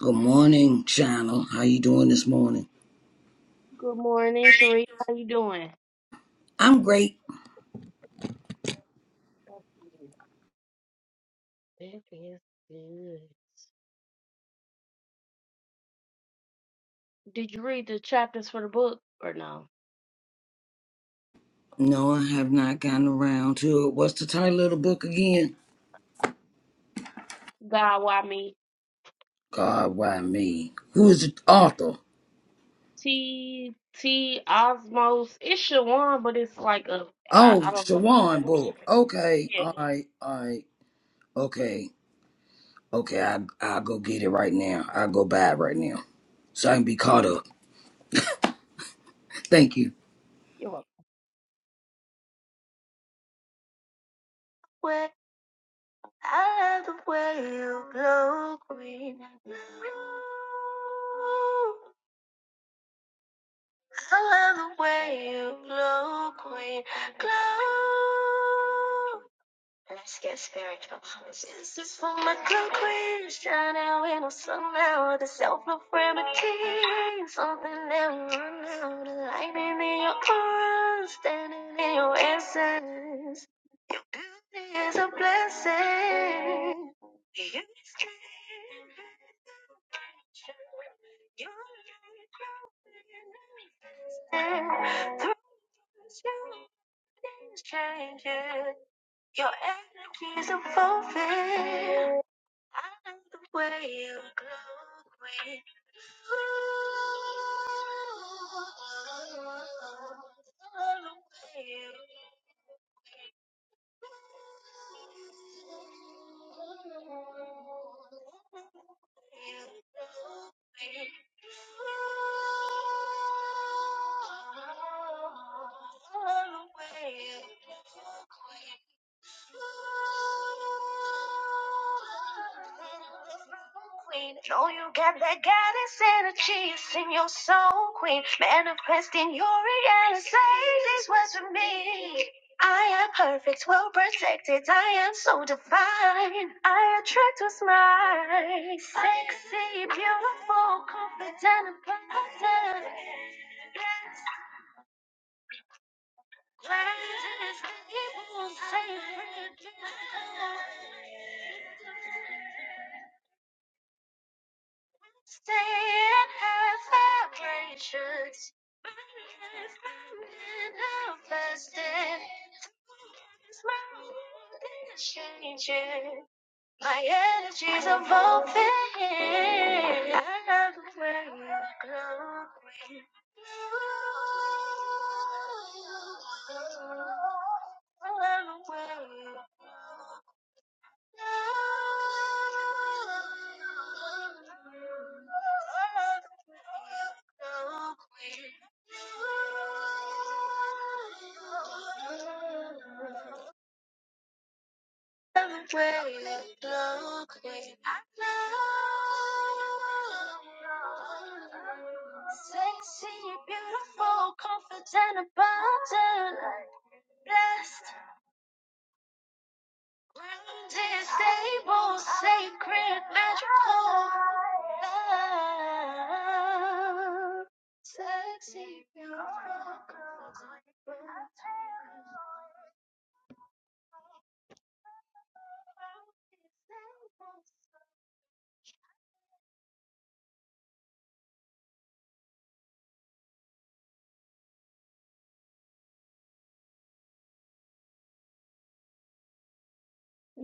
Good morning, channel. How you doing this morning? Good morning, Sheree. How you doing? I'm great. That is good. Did you read the chapters for the book or no? No, I have not gotten around to it. What's the title of the book again? God, why me? God, why me? Who is the Yeah. author? T T Osmos. It's Shawan, but it's like a I, Oh, I don't know how to Shawan say. book. it. Okay, Yeah. all right, all right. Okay, okay. I I'll go get it right now. I'll go buy it right now so I can be caught up. Thank you. You're welcome. What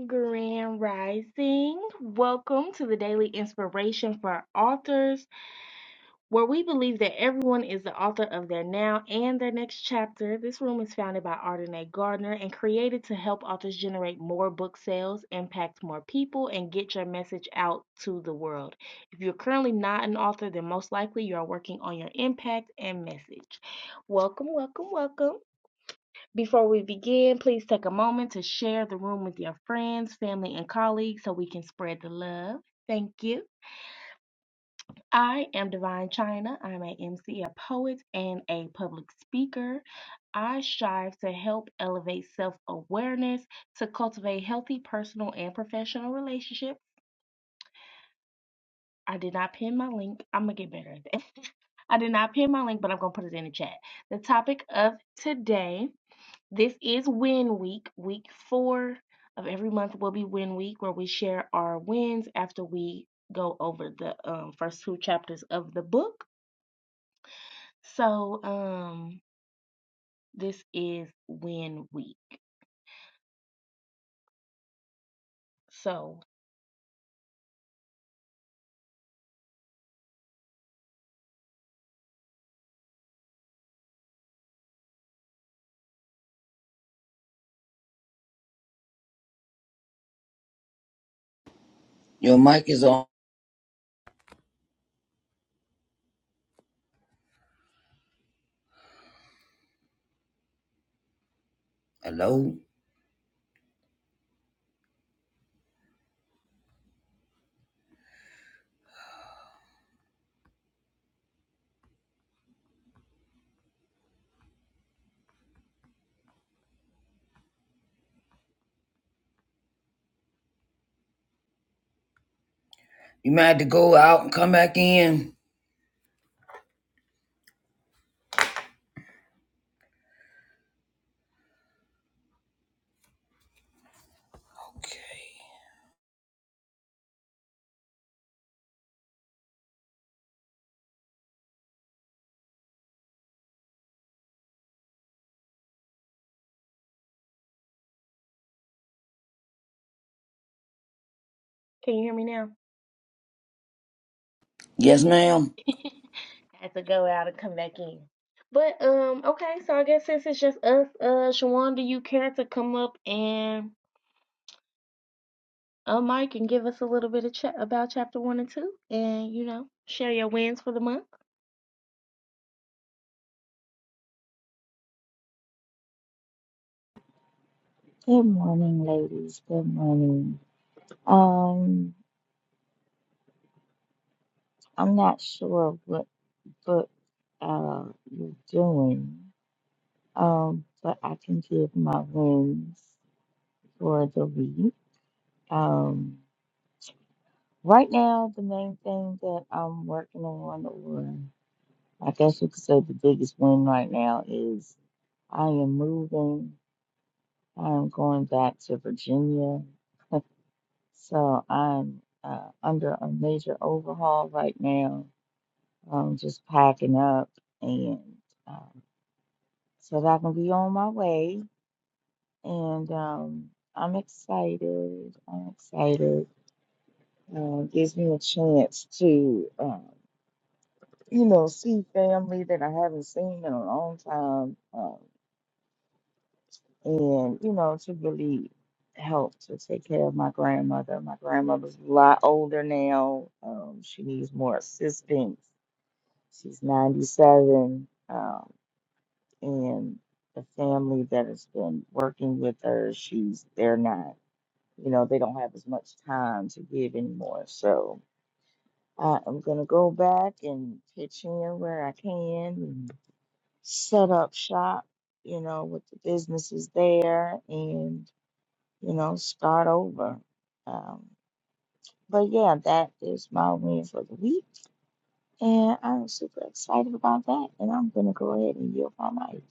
grand rising? Welcome to the daily inspiration for authors. where we believe that everyone is the author of their now and their next chapter. This room is founded by Ardenae Gardner and created to help authors generate more book sales, impact more people, and get your message out to the world. If you're currently not an author, then most likely you are working on your impact and message. Welcome, welcome, welcome. Before we begin, please take a moment to share the room with your friends, family, and colleagues so we can spread the love. Thank you. I am Divine China. I'm a MC, a poet, and a public speaker. I strive to help elevate self awareness to cultivate healthy personal and professional relationships. I did not pin my link. I'm going to get better at that. I did not pin my link, but I'm going to put it in the chat. The topic of today this is Win Week. Week four of every month will be Win Week, where we share our wins after we go over the um, first two chapters of the book. So, um, this is win week. So, Your mic is on. Hello. You might have to go out and come back in. Okay. can you hear me now? Yes, ma'am. Had to go out and come back in. But um, okay, so I guess since it's just us, uh, Shawan, do you care to come up and uh, Mike and give us a little bit of chat about chapter one and two, and you know, share your wins for the month? Good morning, ladies. Good morning. Um, I'm not sure what book uh you're doing, um, but I can give my wins for the week. Um, right now, the main thing that I'm working on, or I guess you could say the biggest win right now, is I am moving. I'm going back to Virginia, so I'm uh, under a major overhaul right now um, just packing up and um, so that I can be on my way. And um, I'm excited. I'm excited. Uh, gives me a chance to, um, you know, see family that I haven't seen in a long time, um, and you know, to really help to take care of my grandmother. My grandmother's a lot older now. Um, she needs more assistance. She's 97. Um, and the family that has been working with her, she's they're not, you know, they don't have as much time to give anymore. So I am gonna go back and pitch in where I can and set up shop, you know, with the businesses there and, you know, start over. Um, but yeah, that is my win for the week. And I'm super excited about that. And I'm gonna go ahead and yield my mic.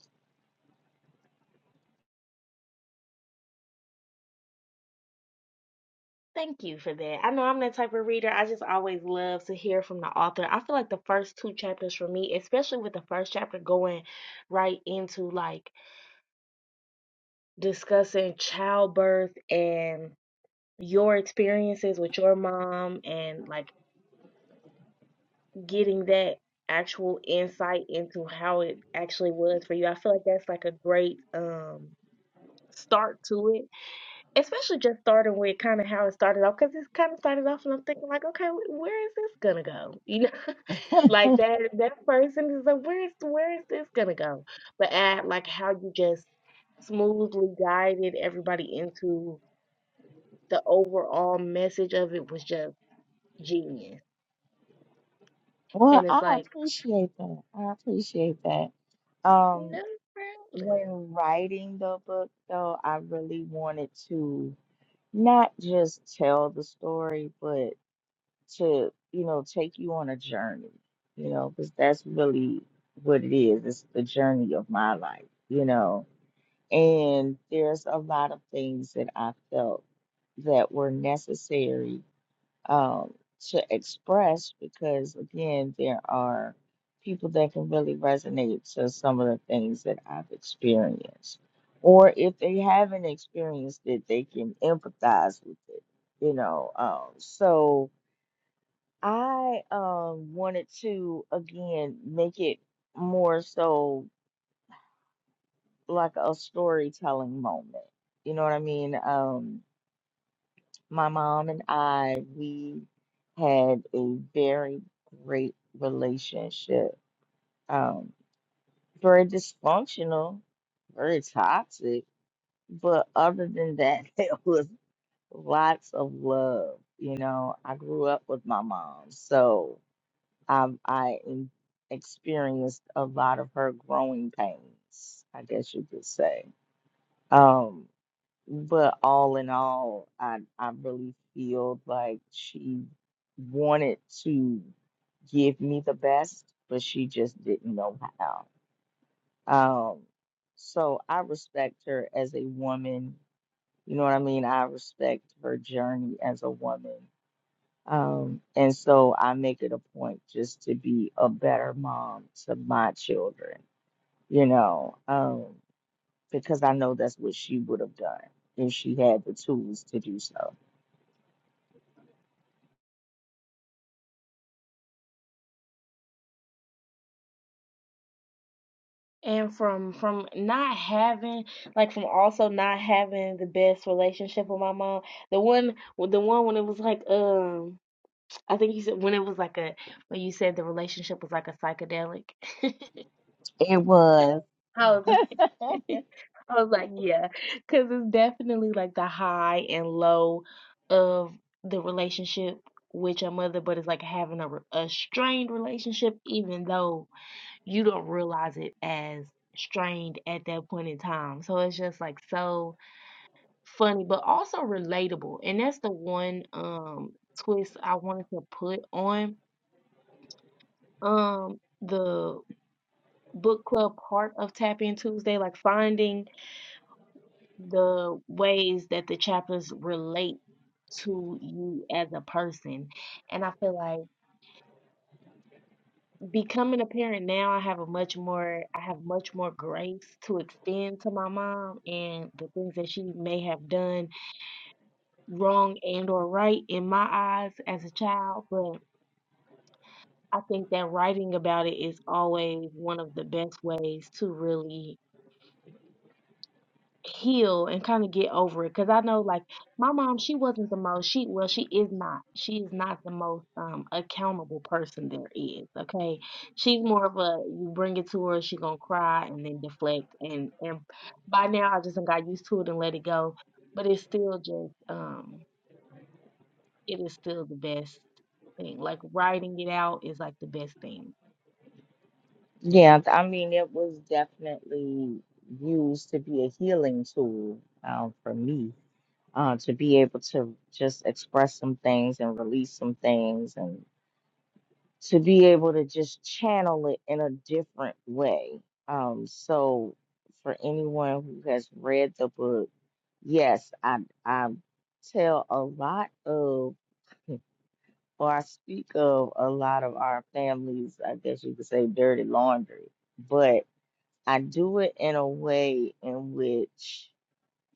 Thank you for that. I know I'm that type of reader. I just always love to hear from the author. I feel like the first two chapters for me, especially with the first chapter going right into like discussing childbirth and your experiences with your mom and like getting that actual insight into how it actually was for you. I feel like that's like a great um start to it, especially just starting with kind of how it started off because it kind of started off and I'm thinking like, okay, wh- where is this gonna go? You know, like that that person is like, where's where is this gonna go? But add like how you just smoothly guided everybody into the overall message of it was just genius. Well, And it's I like, appreciate that. I appreciate that. Um, no problem. when writing the book, though, I really wanted to not just tell the story, but to, you know, take you on a journey, you know, because that's really what it is. It's the journey of my life, you know. And there's a lot of things that I felt that were necessary um, to express because again there are people that can really resonate to some of the things that I've experienced or if they haven't experienced it they can empathize with it you know um, so I um, wanted to again make it more so like a storytelling moment you know what I mean Um, my mom and I, we had a very great relationship. Um, very dysfunctional, very toxic, but other than that, it was lots of love. You know, I grew up with my mom, so um, I en- experienced a lot of her growing pains, I guess you could say. Um, But all in all, I I really feel like she wanted to give me the best, but she just didn't know how. Um, so I respect her as a woman. You know what I mean? I respect her journey as a woman. Um, and so I make it a point just to be a better mom to my children, you know, um, because I know that's what she would have done if she had the tools to do so. And from from not having like from also not having the best relationship with my mom, the one the one when it was like um I think you said when it was like a when you said the relationship was like a psychedelic. It was. I was I was like, yeah, because it's definitely like the high and low of the relationship with your mother, but it's like having a, re- a strained relationship, even though you don't realize it as strained at that point in time. So it's just like so funny, but also relatable. And that's the one um twist I wanted to put on um the book club part of Tap In Tuesday, like finding the ways that the chapters relate to you as a person. And I feel like becoming a parent now, I have a much more I have much more grace to extend to my mom and the things that she may have done wrong and or right in my eyes as a child, but I think that writing about it is always one of the best ways to really heal and kind of get over it. Cause I know like my mom, she wasn't the most she well, she is not. She is not the most um accountable person there is. Okay. She's more of a you bring it to her, she gonna cry and then deflect and and by now I just done got used to it and let it go. But it's still just um it is still the best thing. Like writing it out is like the best thing Yeah, I mean, it was definitely used to be a healing tool um, for me uh, to be able to just express some things and release some things and to be able to just channel it in a different way. Um, so, for anyone who has read the book, yes, I, I tell a lot of. Well, I speak of a lot of our families, I guess you could say dirty laundry, but I do it in a way in which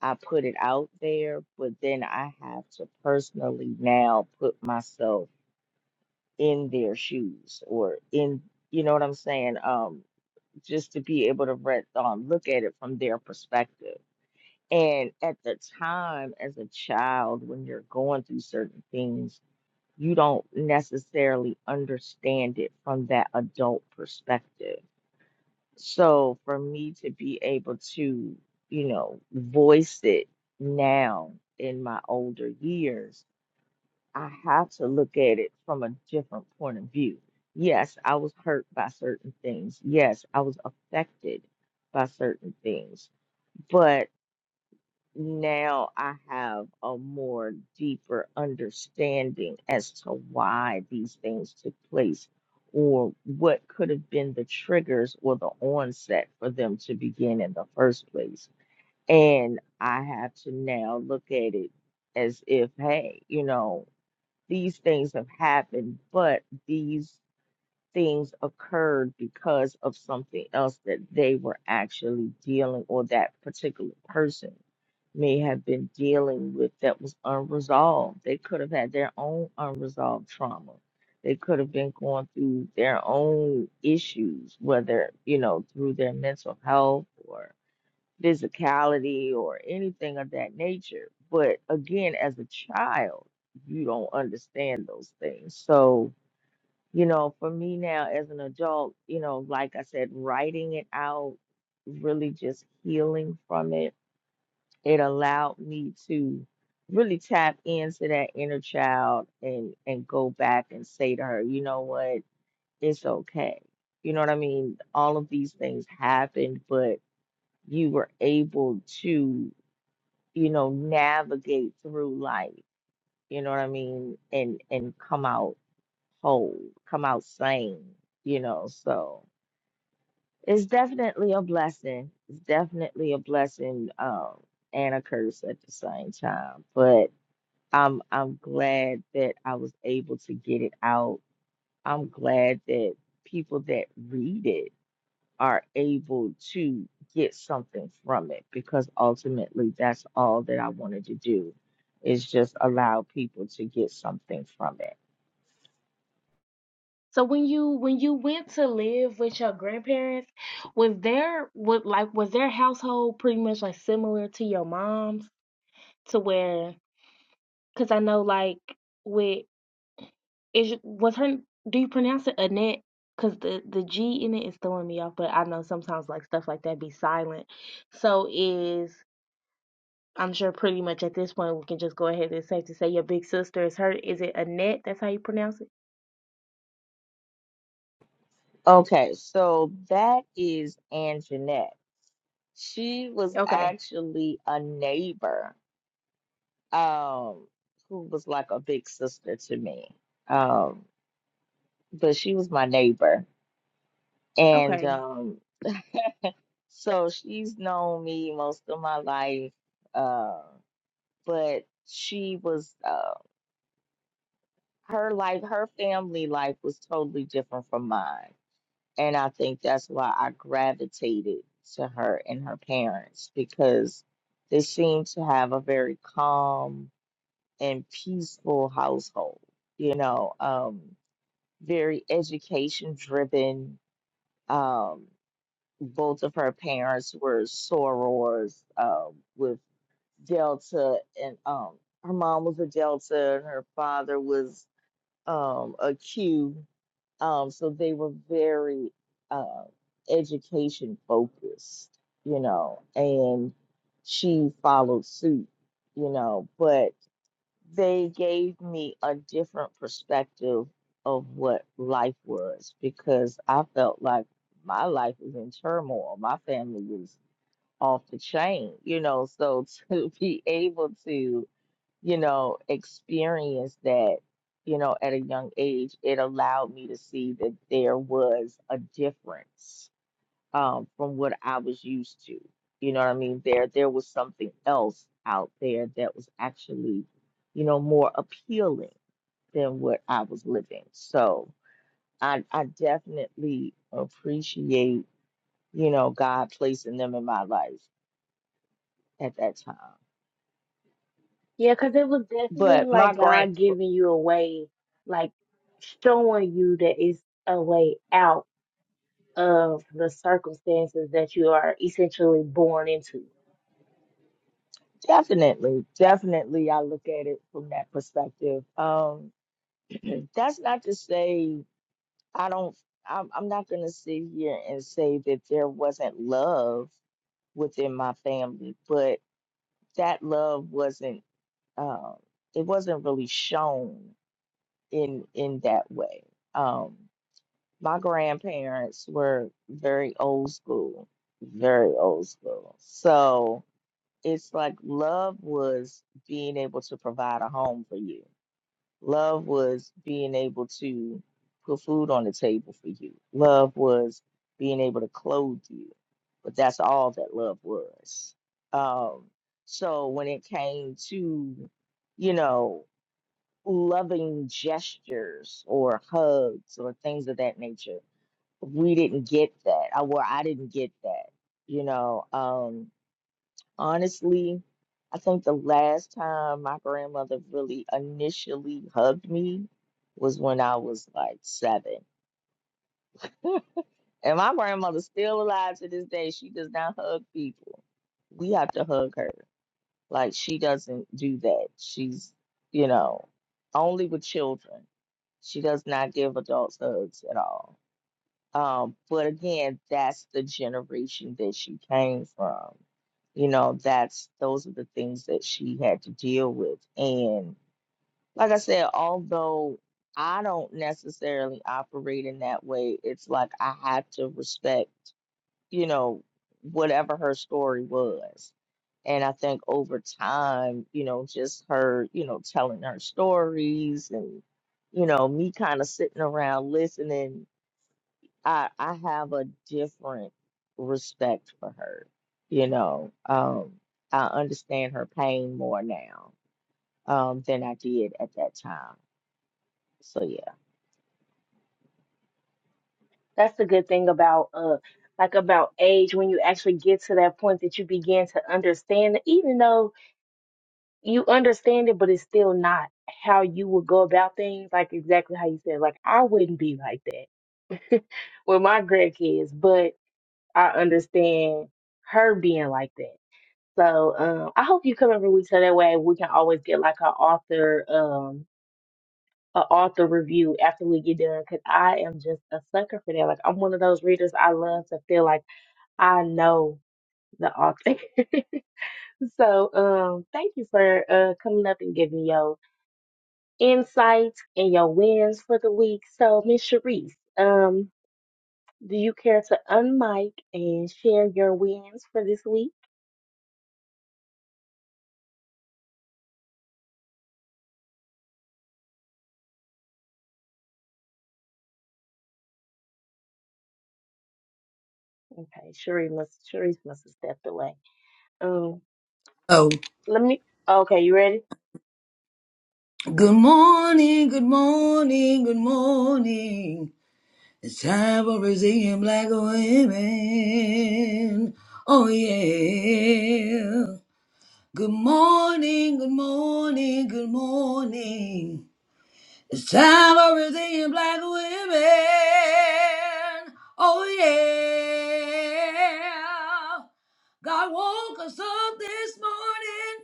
I put it out there, but then I have to personally now put myself in their shoes or in, you know what I'm saying? Um, just to be able to re- um, look at it from their perspective. And at the time, as a child, when you're going through certain things, you don't necessarily understand it from that adult perspective. So for me to be able to, you know, voice it now in my older years, I have to look at it from a different point of view. Yes, I was hurt by certain things. Yes, I was affected by certain things. But now I have a more deeper understanding as to why these things took place or what could have been the triggers or the onset for them to begin in the first place. And I have to now look at it as if, hey, you know, these things have happened, but these things occurred because of something else that they were actually dealing or that particular person may have been dealing with that was unresolved. They could have had their own unresolved trauma. They could have been going through their own issues, whether, you know, through their mental health or physicality or anything of that nature. But again, as a child, you don't understand those things. So, you know, for me now as an adult, you know, like I said, writing it out, really just healing from it, it allowed me to really tap into that inner child and and go back and say to her, you know what, it's okay. You know what I mean? All of these things happened, but you were able to, you know, navigate through life, you know what I mean, and and come out whole, come out sane, you know, so It's definitely a blessing. It's definitely a blessing, um, and a curse at the same time. But I'm I'm glad that I was able to get it out. I'm glad that people that read it are able to get something from it because ultimately that's all that I wanted to do is just allow people to get something from it. So when you when you went to live with your grandparents, was there was like was their household pretty much like similar to your mom's to where because I know like with is was her do you pronounce it Annette? Because the the G in it is throwing me off, but I know sometimes like stuff like that be silent. So is I'm sure pretty much at this point we can just go ahead and safe to say your big sister is her. Is it Annette? That's how you pronounce it. Okay, so that is Anjanette. She was Okay. actually a neighbor, um, who was like a big sister to me. Um, but she was my neighbor. And Okay. um, so she's known me most of my life. Uh, but she was uh, her life, her family life was totally different from mine. And I think that's why I gravitated to her and her parents because they seemed to have a very calm and peaceful household, you know, um, very education driven. Um, both of her parents were sorors um, with Delta, and um, her mom was a Delta, and her father was um, a Q. Um, so they were very uh, education focused, you know, and she followed suit, you know, but they gave me a different perspective of what life was because I felt like my life was in turmoil. My family was off the chain, you know. So to be able to, you know, experience that, you know, at a young age, it allowed me to see that there was a difference um, from what I was used to. You know what I mean? There, there was something else out there that was actually, you know, more appealing than what I was living. So I, I definitely appreciate, you know, God placing them in my life at that time. Yeah, cause it was definitely But my like grand, God giving you a way, like showing you that it's a way out of the circumstances that you are essentially born into. definitely, definitely, I look at it from that perspective. Um, that's not to say I don't, I'm, I'm not going to sit here and say that there wasn't love within my family, but that love wasn't, um, it wasn't really shown in, in that way. Um, my grandparents were very old school, very old school. So it's like love was being able to provide a home for you. Love was being able to put food on the table for you. Love was being able to clothe you. But that's all that love was. Um, so when it came to, you know, loving gestures or hugs or things of that nature, we didn't get that. I well, I didn't get that, you know. um, Honestly, I think the last time my grandmother really initially hugged me was when I was like seven. And my grandmother's still alive to this day. She does not hug people. We have to hug her. Like, she doesn't do that. She's, you know, only with children. She does not give adults hugs at all. Um, but again, that's the generation that she came from. You know, that's those are the things that she had to deal with. And like I said, although I don't necessarily operate in that way, it's like I have to respect, you know, whatever her story was. And I think over time, you know, just her, you know, telling her stories and, you know, me kind of sitting around listening I I have a different respect for her. You know, um, I understand her pain more now um, than I did at that time. So yeah, That's the good thing about uh like about age when you actually get to that point that you begin to understand it, even though you understand it, but it's still not how you would go about things, like exactly how you said, like I wouldn't be like that with my grandkids, I understand her being like that. So um, I hope you come every week so that way we can always get like an author um an author review after we get done because I am just a sucker for that. Like I'm one of those readers I love to feel like I know the author. so um thank you for uh coming up and giving your insight and your wins for the week. So Miss Sharice, um do you care to unmic and share your wins for this week? Okay, Sheree must Cherise must have stepped away. Um, let me. Okay, you ready? Good morning, good morning, good morning. It's time for Brazilian black women. Oh yeah. Good morning, good morning, good morning. It's time for redeeming black women. Oh yeah. God woke us up this morning,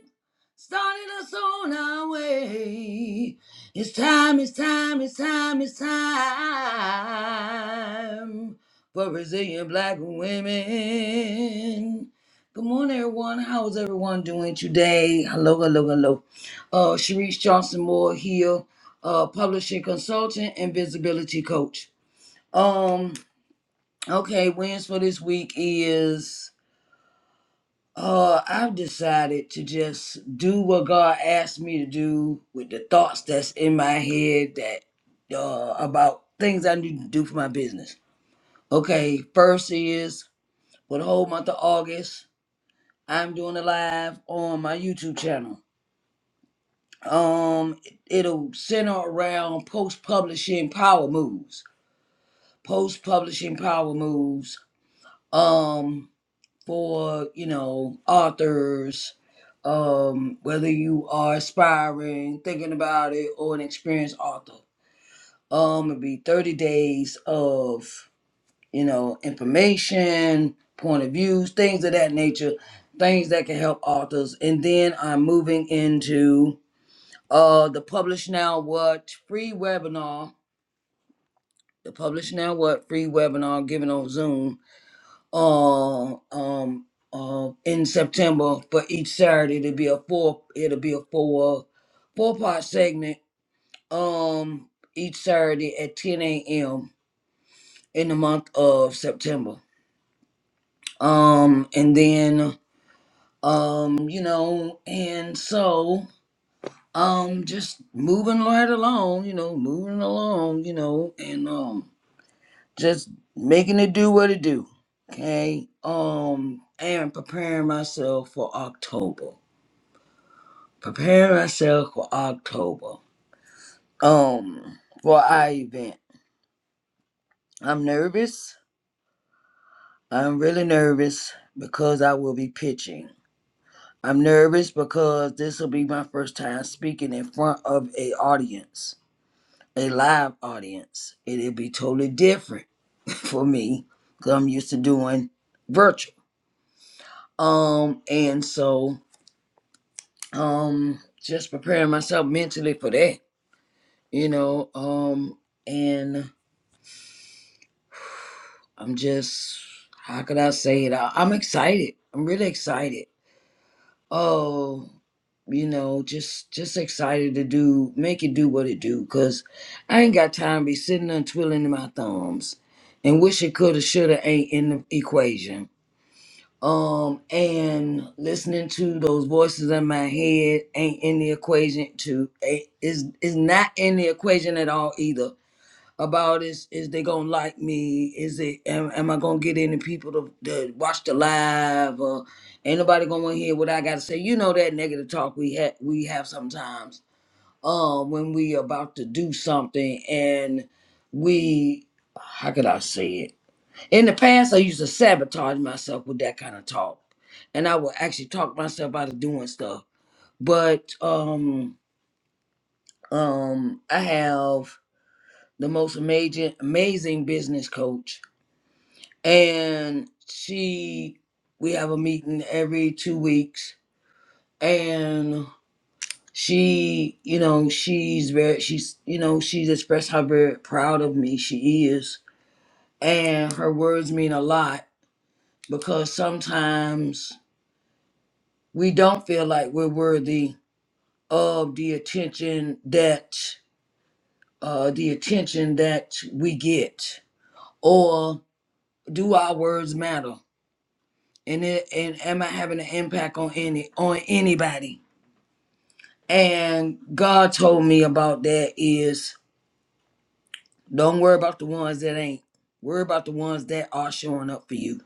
started us on our way. It's time, it's time, it's time, it's time for resilient black women. Good morning, everyone. How is everyone doing today? Hello, hello, hello. Uh, Sharice Johnson Moore here uh, publishing consultant and visibility coach. Um, okay, wins for this week is uh I've decided to just do what God asked me to do with the thoughts that's in my head that uh about things I need to do for my business. Okay, first is for the whole month of August, I'm doing a live on my YouTube channel. Um, it'll center around post publishing power moves post publishing power moves um for you know authors um whether you are aspiring thinking about it or an experienced author um it'd be 30 days of you know information point of views things of that nature things that can help authors and then i'm moving into uh the publish now what free webinar the publish now what free webinar given on zoom uh, um, uh, in September for each Saturday. It'll be a four. It'll be a four four part segment. Um, each Saturday at 10 a.m. in the month of September. Um, and then um, you know, and so um, just moving right along. You know, moving along. You know, and um. just making it do what it do. Okay. Um, and preparing myself for October. Preparing myself for October. Um, for our event. I'm nervous. I'm really nervous because I will be pitching. I'm nervous because this will be my first time speaking in front of a audience, a live audience. It'll be totally different for me because I'm used to doing virtual. Um, and so um just preparing myself mentally for that you know um and i'm just how could i say it I, i'm excited i'm really excited oh you know just just excited to do make it do what it do because i ain't got time to be sitting there twiddling my thumbs and wish it coulda shoulda ain't in the equation um and listening to those voices in my head ain't in the equation to ain't- is is not in the equation at all either about is is they gonna like me is it am, am i gonna get any people to, to watch the live or ain't nobody gonna wanna hear what i gotta say you know that negative talk we have we have sometimes um when we about to do something and we how could i say it in the past, I used to sabotage myself with that kind of talk, and I would actually talk myself out of doing stuff. But um, um, I have the most amazing, amazing business coach, and she. We have a meeting every two weeks, and she, you know, she's very, she's, you know, she's expressed how very proud of me she is, and her words mean a lot because sometimes we don't feel like we're worthy of the attention that uh, the attention that we get or do our words matter and it, and am i having an impact on any on anybody and god told me about that is don't worry about the ones that ain't worry about the ones that are showing up for you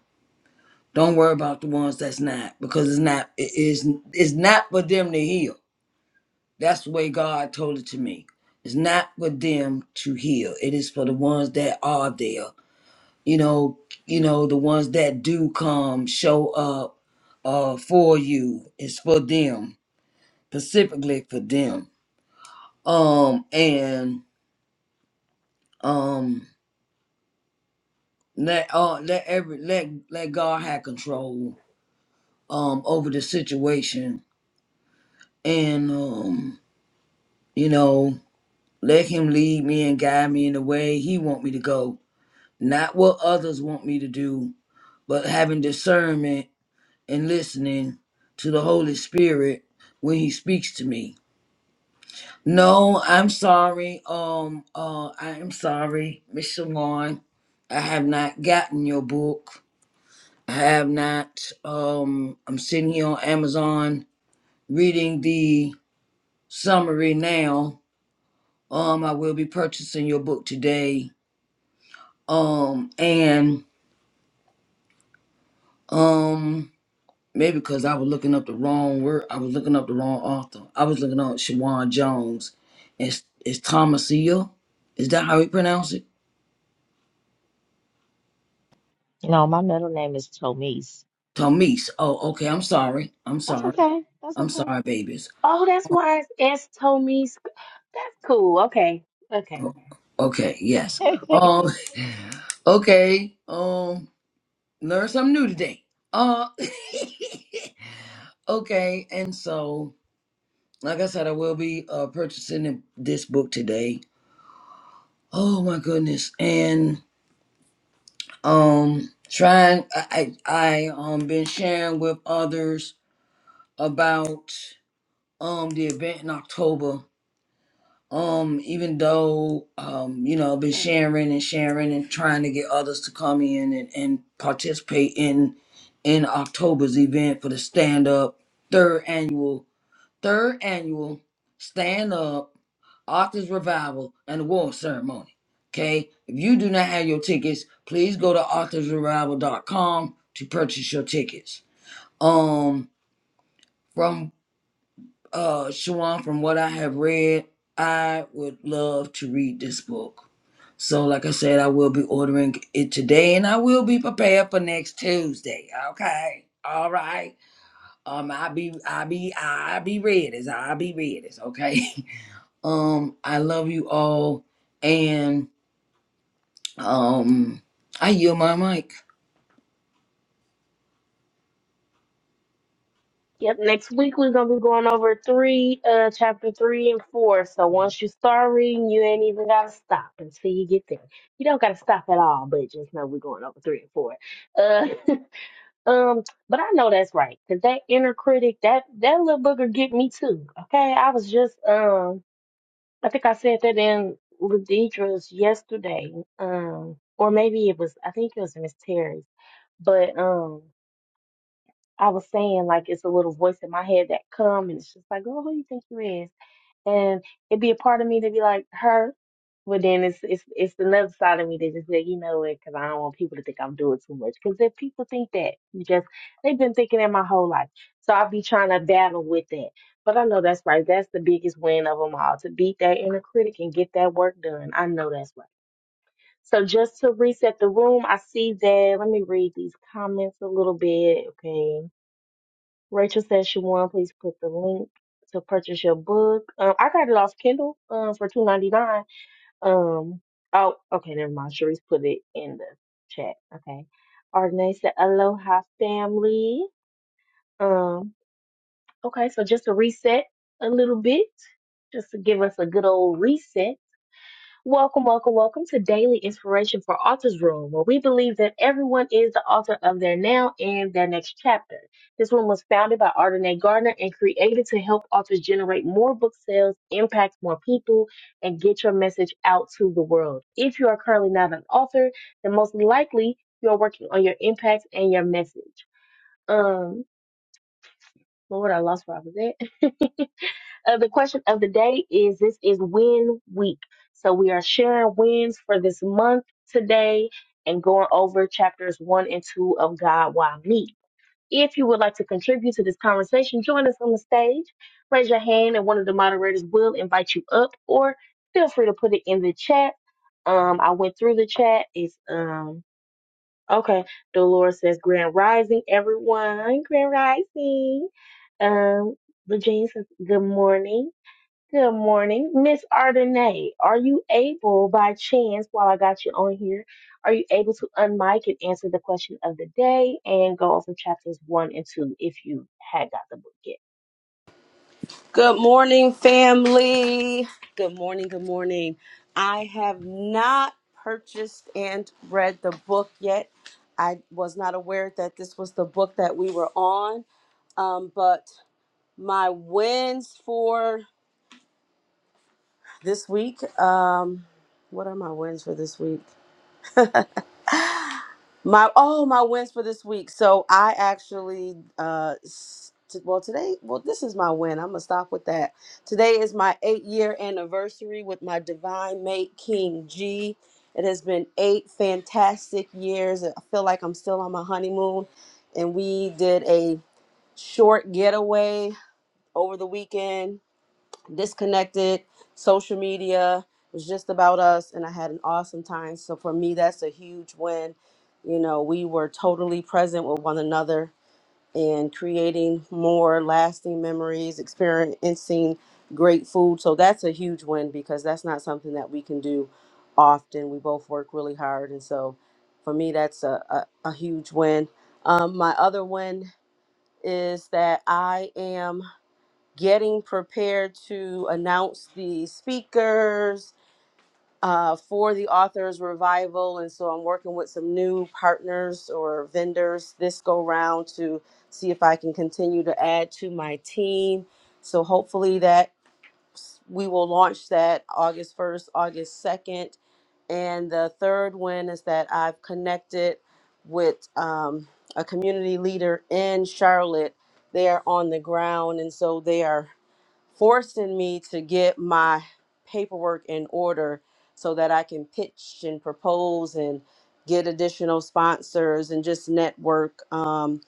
don't worry about the ones that's not because it's not it is it's not for them to heal. That's the way God told it to me. It's not for them to heal. It is for the ones that are there. You know, you know, the ones that do come show up uh for you. It's for them, specifically for them. Um and um let uh let every let let God have control um over the situation and um you know let him lead me and guide me in the way he want me to go not what others want me to do, but having discernment and listening to the Holy Spirit when He speaks to me. No, I'm sorry. Um, uh, I am sorry, Miss Shalon. I have not gotten your book. I have not. Um, I'm sitting here on Amazon reading the summary now. Um, I will be purchasing your book today. Um, and um. Maybe because I was looking up the wrong word. I was looking up the wrong author. I was looking up Shawan Jones. It's it's Thomasia. Is that how you pronounce it? you know, my middle name is Tomise. Tomise. Oh, okay. I'm sorry. I'm That's sorry. okay. That's I'm sorry, okay. babies. Oh, that's why it's S told me. sc- That's cool. Okay, okay. Okay. Yes. Um. Okay. Um. Learn something new today. Uh. okay. And so, like I said, I will be uh purchasing this book today. Oh my goodness. And. um trying i i I, um been sharing with others about um the event in october um even though um you know been sharing and sharing and trying to get others to come in and, and participate in in october's event for the stand up third annual third annual stand up Arthur's Revival, and award Ceremony. Okay? If you do not have your tickets, please go to arthursrevival.com to purchase your tickets. Um, from uh Shawan, from what I have read, I would love to read this book. So, like I said, I will be ordering it today, and I will be prepared for next Tuesday. Okay, all right. Um, I be, I be, I be ready. I be ready. Okay. um, I love you all, and Um, I yield my mic. Yep. Next week we're gonna be going over three, uh, chapter three and four. So once you start reading, you ain't even gotta stop until you get there. You don't gotta stop at all, but just know we're going over three and four. Uh, um, but I know that's right, 'cause that inner critic, that that little booger get me too. Okay, I was just um. I think I said that in Ladidra's yesterday, um, or maybe it was, I think it was Miss Terry's, but um, I was saying like it's a little voice in my head that come and it's just like, oh, who you think you is? and it'd be a part of me to be like her, but then it's it's it's another side of me that just like you know it because I don't want people to think I'm doing too much. Because if people think that, you just they've been thinking that my whole life, so I'll be trying to battle with that. But I know that's right. That's the biggest win of them all to beat that inner critic and get that work done. I know that's right. So just to reset the room, I see that. Let me read these comments a little bit. Okay. Rachel says she won. Please put the link to purchase your book. Um, I got it off Kindle um, for two ninety nine. Um, oh, okay, never mind. Sharice put it in the chat. Okay. Ardenay said, "Aloha, family." Um, okay, so just to reset a little bit, just to give us a good old reset. Welcome, welcome, welcome to Daily Inspiration for Authors Room, where we believe that everyone is the author of their now and their next chapter. This room was founded by Ardenae Gardner and created to help authors generate more book sales, impact more people, and get your message out to the world. If you are currently not an author, then most likely you are working on your impact and your message. Um, Lord, I lost where I was at. Uh, the question of the day is this is win week. So we are sharing wins for this month today and going over chapters one and two of God Why Me. If you would like to contribute to this conversation, join us on the stage. Raise your hand and one of the moderators will invite you up or feel free to put it in the chat. Um, I went through the chat. It's um okay. Dolores says Grand Rising, everyone. Grand Rising. Um, Regina says good morning. Good morning, Miss Ardenay. Are you able, by chance, while I got you on here, are you able to unmic and answer the question of the day and go over chapters one and two if you had got the book yet? Good morning, family. Good morning, good morning. I have not purchased and read the book yet. I was not aware that this was the book that we were on. Um, but my wins for this week um, what are my wins for this week? My oh my wins for this week. So I actually uh s- t- well today well this is my win. I'm gonna stop with that. Today is my eight year anniversary with my divine mate King G. It has been eight fantastic years. I feel like I'm still on my honeymoon, and we did a short getaway over the weekend disconnected. Social media was just about us, and I had an awesome time. So for me, that's a huge win. You know, we were totally present with one another and creating more lasting memories, experiencing great food. So that's a huge win because that's not something that we can do often. We both work really hard, and so for me, that's a, a, a huge win. Um, my other win is that I am getting prepared to announce the speakers uh, for the authors revival and so i'm working with some new partners or vendors this go round to see if i can continue to add to my team so hopefully that we will launch that august 1st august 2nd and the third one is that i've connected with um, a community leader in charlotte they are on the ground and so they are forcing me to get my paperwork in order so that I can pitch and propose and get additional sponsors and just network um,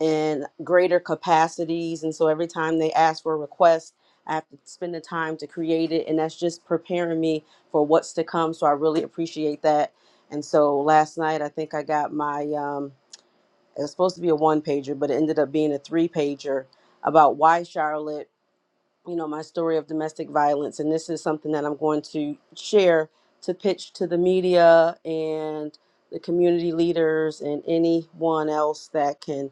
in greater capacities. And so every time they ask for a request, I have to spend the time to create it. And that's just preparing me for what's to come. So I really appreciate that. And so last night, I think I got my, um, it was supposed to be a one pager, but it ended up being a three pager about why Charlotte you know, my story of domestic violence. And this is something that I'm going to share to pitch to the media and the community leaders and anyone else that can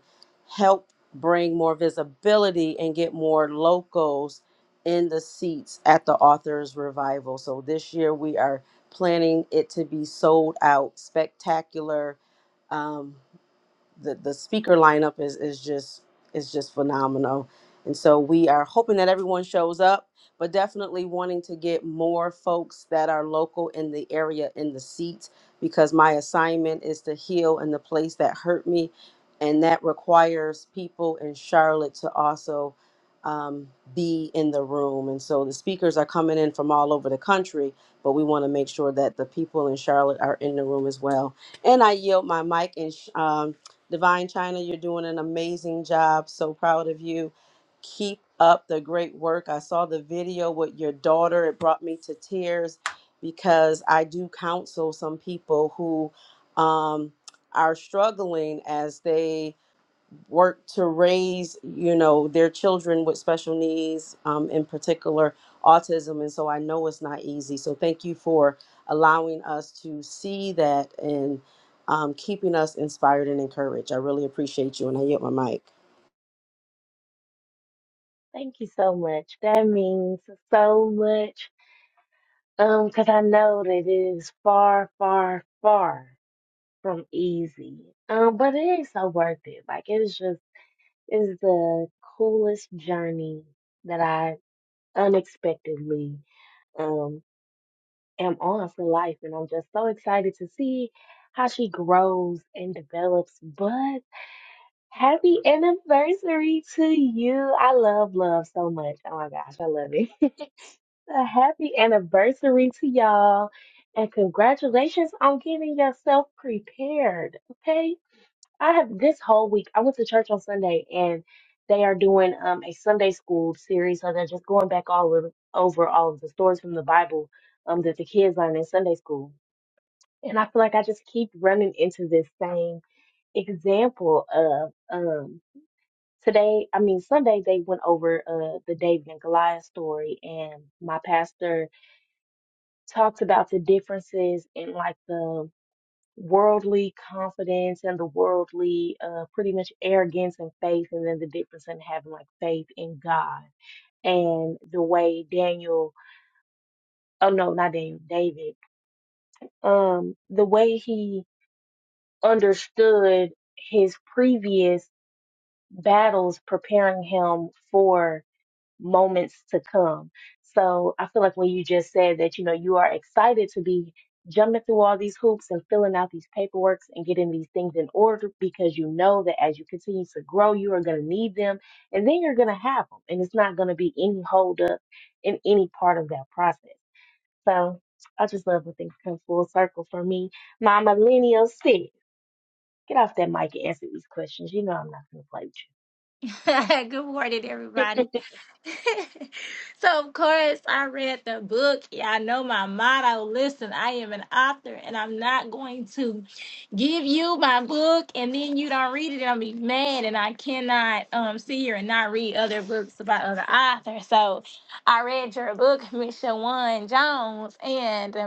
help bring more visibility and get more locals in the seats at the author's revival. So this year we are planning it to be sold out, spectacular. Um, the, the speaker lineup is, is just is just phenomenal. And so we are hoping that everyone shows up, but definitely wanting to get more folks that are local in the area in the seats because my assignment is to heal in the place that hurt me. And that requires people in Charlotte to also um, be in the room. And so the speakers are coming in from all over the country, but we want to make sure that the people in Charlotte are in the room as well. And I yield my mic and sh- um, Divine China, you're doing an amazing job. So proud of you. Keep up the great work. I saw the video with your daughter. It brought me to tears because I do counsel some people who um, are struggling as they work to raise you know their children with special needs um, in particular autism and so i know it's not easy so thank you for allowing us to see that and um, keeping us inspired and encouraged i really appreciate you and i yield my mic Thank you so much. That means so much. Um, because I know that it is far, far, far from easy. Um, but it is so worth it. Like it is just it's the coolest journey that I unexpectedly. um. am on for life. And I'm just so excited to see how she grows and develops. But happy anniversary to you. I love love so much. Oh my gosh, I love it. A happy anniversary to y'all. And congratulations on getting yourself prepared. Okay. I have this whole week. I went to church on Sunday, and they are doing um, a Sunday school series. So they're just going back all of, over all of the stories from the Bible um, that the kids learn in Sunday school. And I feel like I just keep running into this same example of um, today. I mean, Sunday they went over uh, the David and Goliath story, and my pastor talked about the differences in like the worldly confidence and the worldly uh pretty much arrogance and faith and then the difference in having like faith in God and the way Daniel oh no not Daniel David um the way he understood his previous battles preparing him for moments to come. So I feel like when you just said that, you know, you are excited to be jumping through all these hoops and filling out these paperworks and getting these things in order because you know that as you continue to grow, you are going to need them and then you're going to have them. And it's not going to be any holdup in any part of that process. So I just love when things come full circle for me. My millennial sis, get off that mic and answer these questions. You know I'm not going to play with Good morning, you. everybody. so, of course, I read the book. Y'all know my motto. Listen, I am an author, and I'm not going to give you my book, and then you don't read it, and I'll be mad, and I cannot um, sit here and not read other books about other authors. So, I read your book, Miss Shawan Jones, and. um,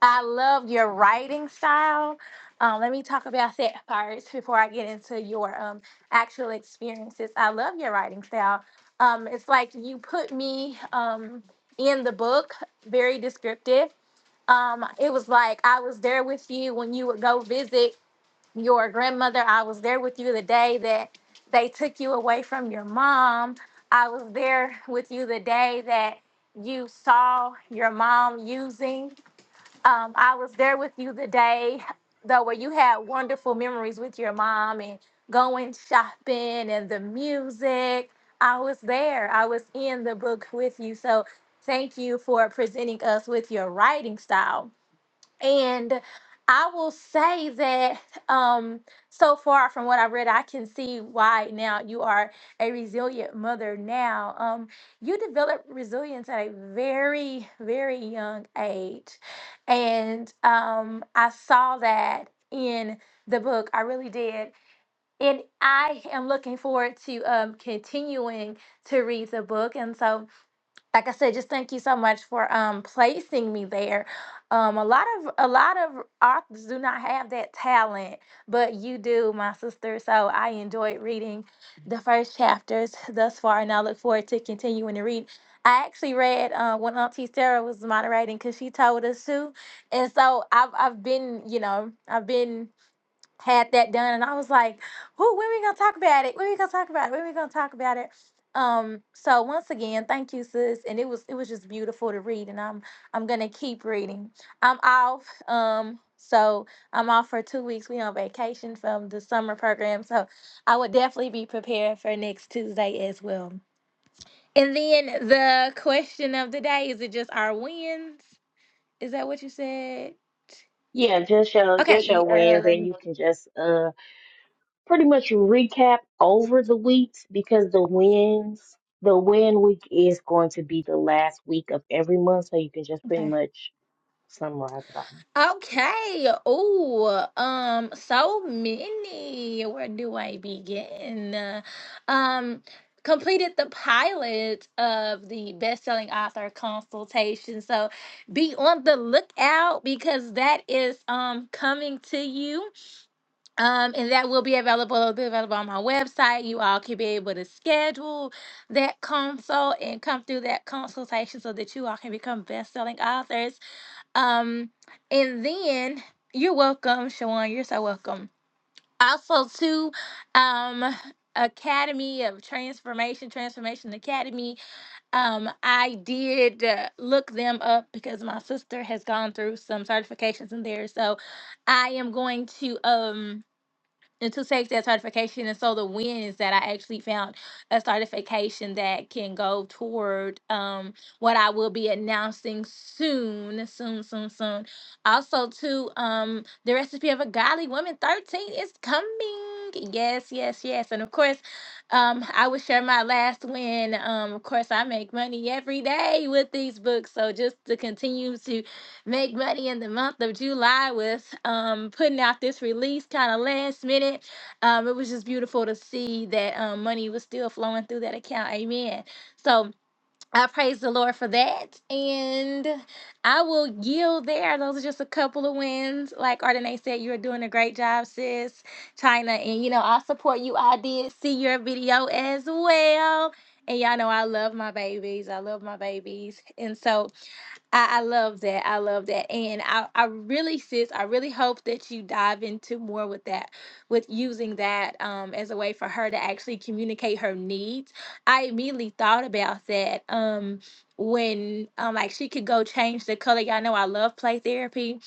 I love your writing style. Um, let me talk about that first before I get into your um, actual experiences. I love your writing style. Um, it's like you put me um, in the book, very descriptive. Um, it was like I was there with you when you would go visit your grandmother. I was there with you the day that they took you away from your mom. I was there with you the day that you saw your mom using. Um, I was there with you the day though where you had wonderful memories with your mom and going shopping and the music. I was there. I was in the book with you. So thank you for presenting us with your writing style and I will say that um, so far from what I read, I can see why now you are a resilient mother. Now, um, you develop resilience at a very, very young age. And um, I saw that in the book. I really did. And I am looking forward to um, continuing to read the book. And so, like I said, just thank you so much for um placing me there. Um, a lot of a lot of authors do not have that talent, but you do, my sister. So I enjoyed reading the first chapters thus far, and I look forward to continuing to read. I actually read uh, when Auntie Sarah was moderating because she told us to, and so I've I've been you know I've been had that done and I was like, "Who? when we gonna talk about it? When we gonna talk about it? When we gonna talk about it? Um, so once again, thank you, sis. And it was it was just beautiful to read, and I'm I'm gonna keep reading. I'm off. Um, so I'm off for two weeks. We on vacation from the summer program, so I would definitely be prepared for next Tuesday as well. And then the question of the day is it just our wins? Is that what you said? Yeah, just show Okay. just your e- wins, and Um, you can just um pretty much recap over the weeks because the wins, the win week is going to be the last week of every month, so you can just pretty okay. much summarize it all. Okay. Oh, um, so many. Where do I begin? Um, completed the pilot of the best-selling author consultation. So be on the lookout because that is um coming to you. Um, and that will be available, it'll be available on my website. You all can be able to schedule that consult and come through that consultation so that you all can become best-selling authors. Um, and then you're welcome, Shawan. You're so welcome. Also, to um, Academy of Transformation, Transformation Academy. Um, I did uh, look them up because my sister has gone through some certifications in there, so I am going to um and to take that certification. And so the win is that I actually found a certification that can go toward um, what I will be announcing soon, soon, soon, soon. Also, to um, the recipe of a godly woman 13 is coming. Yes, yes, yes. And of course, um, I will share my last win. Um, of course, I make money every day with these books. So just to continue to make money in the month of July with um, putting out this release kind of last minute. Um, it was just beautiful to see that um, money was still flowing through that account. Amen. So I praise the Lord for that. And I will yield there. Those are just a couple of wins. Like Ardenae said, you're doing a great job, sis, China. And, you know, I support you. I did see your video as well. And y'all know I love my babies. I love my babies. And so I, I love that. I love that. And I, I really, sis, I really hope that you dive into more with that, with using that um, as a way for her to actually communicate her needs. I immediately thought about that um, when, um, like, she could go change the color. Y'all know I love play therapy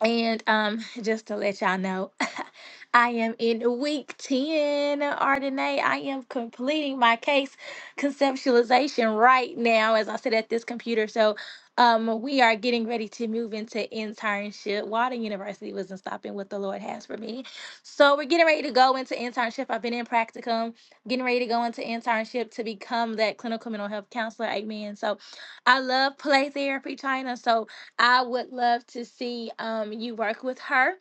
and um, just to let y'all know, I am in week 10, Ardenae. I am completing my case conceptualization right now as I sit at this computer. So um, we are getting ready to move into internship. Walden University wasn't stopping what the Lord has for me. So we're getting ready to go into internship. I've been in practicum, getting ready to go into internship to become that clinical mental health counselor. Amen. So I love play therapy, China. So I would love to see um, you work with her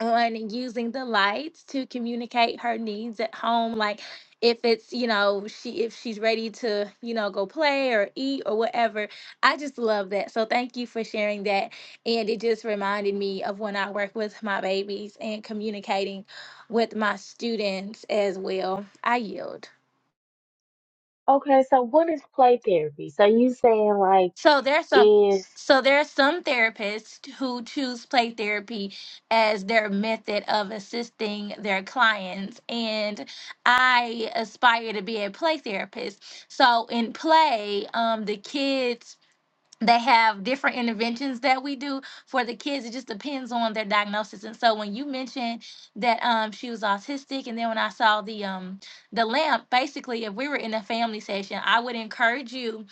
on using the lights to communicate her needs at home. Like if it's, you know, she if she's ready to, you know, go play or eat or whatever. I just love that. So thank you for sharing that. And it just reminded me of when I work with my babies and communicating with my students as well. I yield. Okay, so what is play therapy? So you saying like So there's some if so there are some therapists who choose play therapy as their method of assisting their clients and I aspire to be a play therapist. So in play, um the kids they have different interventions that we do for the kids. It just depends on their diagnosis. And so when you mentioned that um she was autistic, and then when I saw the um the lamp, basically if we were in a family session, I would encourage you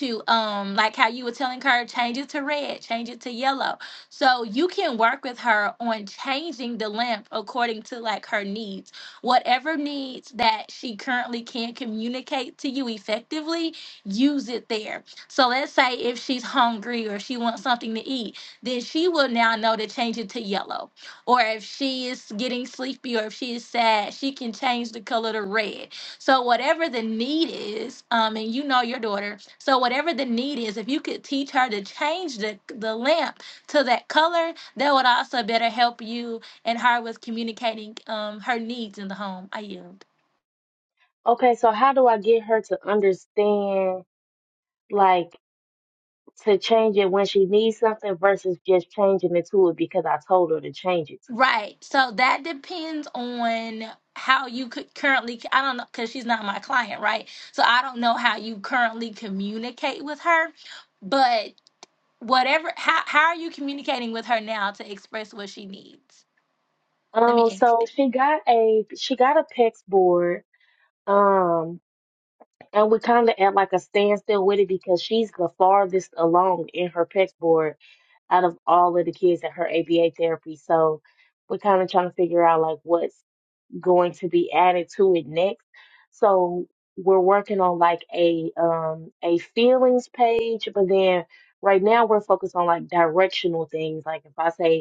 to um like how you were telling her change it to red, change it to yellow. So you can work with her on changing the lamp according to like her needs. Whatever needs that she currently can't communicate to you effectively, use it there so let's say if she's hungry or she wants something to eat, then she will now know to change it to yellow. Or if she is getting sleepy or if she is sad, she can change the color to red. So whatever the need is, um, and you know your daughter, so whatever the need is, if you could teach her to change the the lamp to that color, that would also better help you and her with communicating um her needs in the home. I yield. okay, so how do I get her to understand like to change it when she needs something versus just changing it to it because I told her to change it to it. Right. So that depends on how you could currently, I don't know, because she's not my client, right? So I don't know how you currently communicate with her, but whatever, how, how are you communicating with her now to express what she needs? Let me Um, so ask she got a she got a PEX board. Um, And we kind of at like a standstill with it because she's the farthest along in her PEX board out of all of the kids at her ABA therapy. So we're kind of trying to figure out like what's going to be added to it next. So we're working on like a um a feelings page, but then right now we're focused on like directional things. Like if I say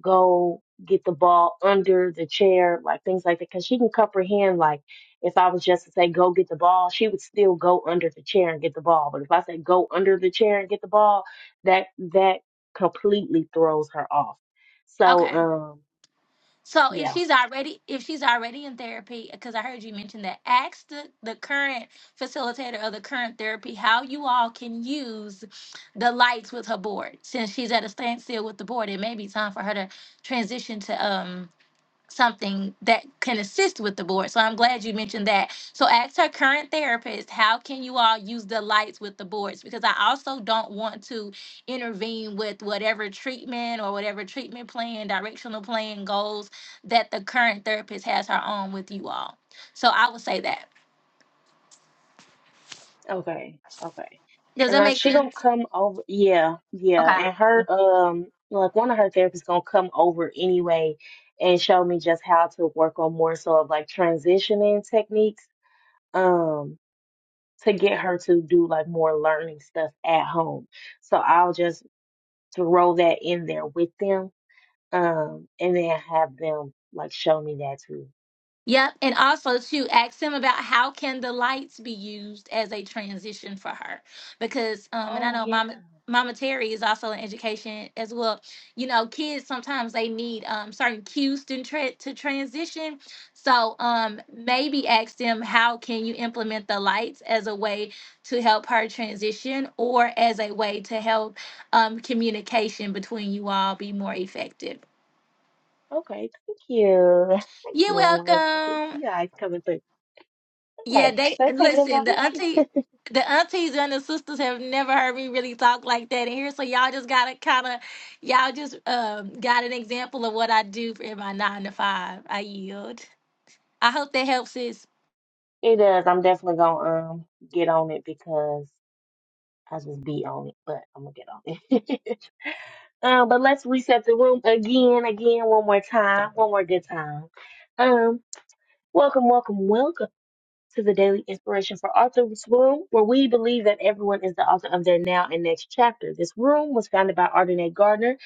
go get the ball under the chair, like things like that, because she can comprehend. Like if I was just to say go get the ball, she would still go under the chair and get the ball. But if I say go under the chair and get the ball, that that completely throws her off. So it. um So if yeah she's already if she's already in therapy, because I heard you mention that, ask the, the current facilitator of the current therapy how you all can use the lights with her board. Since she's at a standstill with the board, it may be time for her to transition to um something that can assist with the board. So I'm glad you mentioned that. So ask her current therapist, how can you all use the lights with the boards? Because I also don't want to intervene with whatever treatment or whatever treatment plan, directional plan, goals that the current therapist has her own with you all. So I would say that. okay okay, Does and that like make she gonna sense? come over yeah yeah, and her um like one of her therapists gonna come over anyway and show me just how to work on more so of like transitioning techniques um to get her to do like more learning stuff at home. So I'll just throw that in there with them um and then have them like show me that too. Yep, and also to ask him about how can the lights be used as a transition for her, because um, and I Oh know yeah. Mama Mama Terry is also in education as well. You know, kids sometimes they need um certain cues to tra- to transition. So um maybe ask them how can you implement the lights as a way to help her transition, or as a way to help um communication between you all be more effective. Okay, thank you. Thank you, You're Mama. Ren. I can welcome. see your eyes coming through. Yeah, Okay, they let's take a listen. The auntie, moment. the aunties and the sisters have never heard me really talk like that in here. So y'all just gotta kind of, y'all just um got an example of what I do for in my nine to five. I yield. I hope that helps, sis. It does. I'm definitely gonna um get on it because I just be on it, but I'm gonna get on it. um, but let's reset the room again, again, one more time, one more good time. Um. Welcome, welcome, welcome to the Daily Inspiration for Authors Room, where we believe that everyone is the author of their now and next chapter. This room was founded by Ardenae Gardner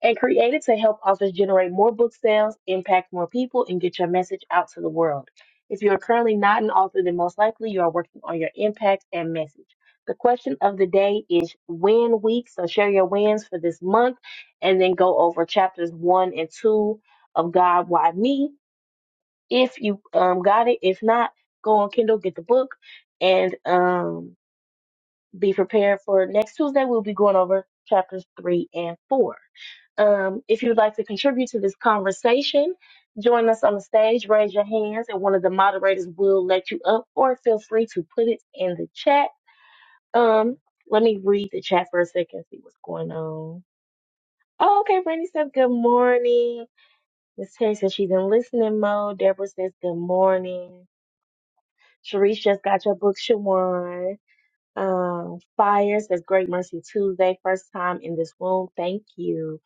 and created to help authors generate more book sales, impact more people, and get your message out to the world. If you are currently not an author, then most likely you are working on your impact and message. The question of the day is win week, so share your wins for this month and then go over chapters one and two of God, Why Me? if you um got it. If not, go on Kindle, get the book, and um be prepared for next Tuesday. We'll be going over chapters three and four. Um, if you'd like to contribute to this conversation, join us on the stage, raise your hands, and one of the moderators will let you up, or feel free to put it in the chat. Um, let me read the chat for a second, see what's going on. Oh, okay, Brandy says good morning. Miss Terry says she's in listening mode. Deborah says good morning. Sharice just got your book, Shawan. Um, Fire says Great Mercy Tuesday, first time in this room. Thank you.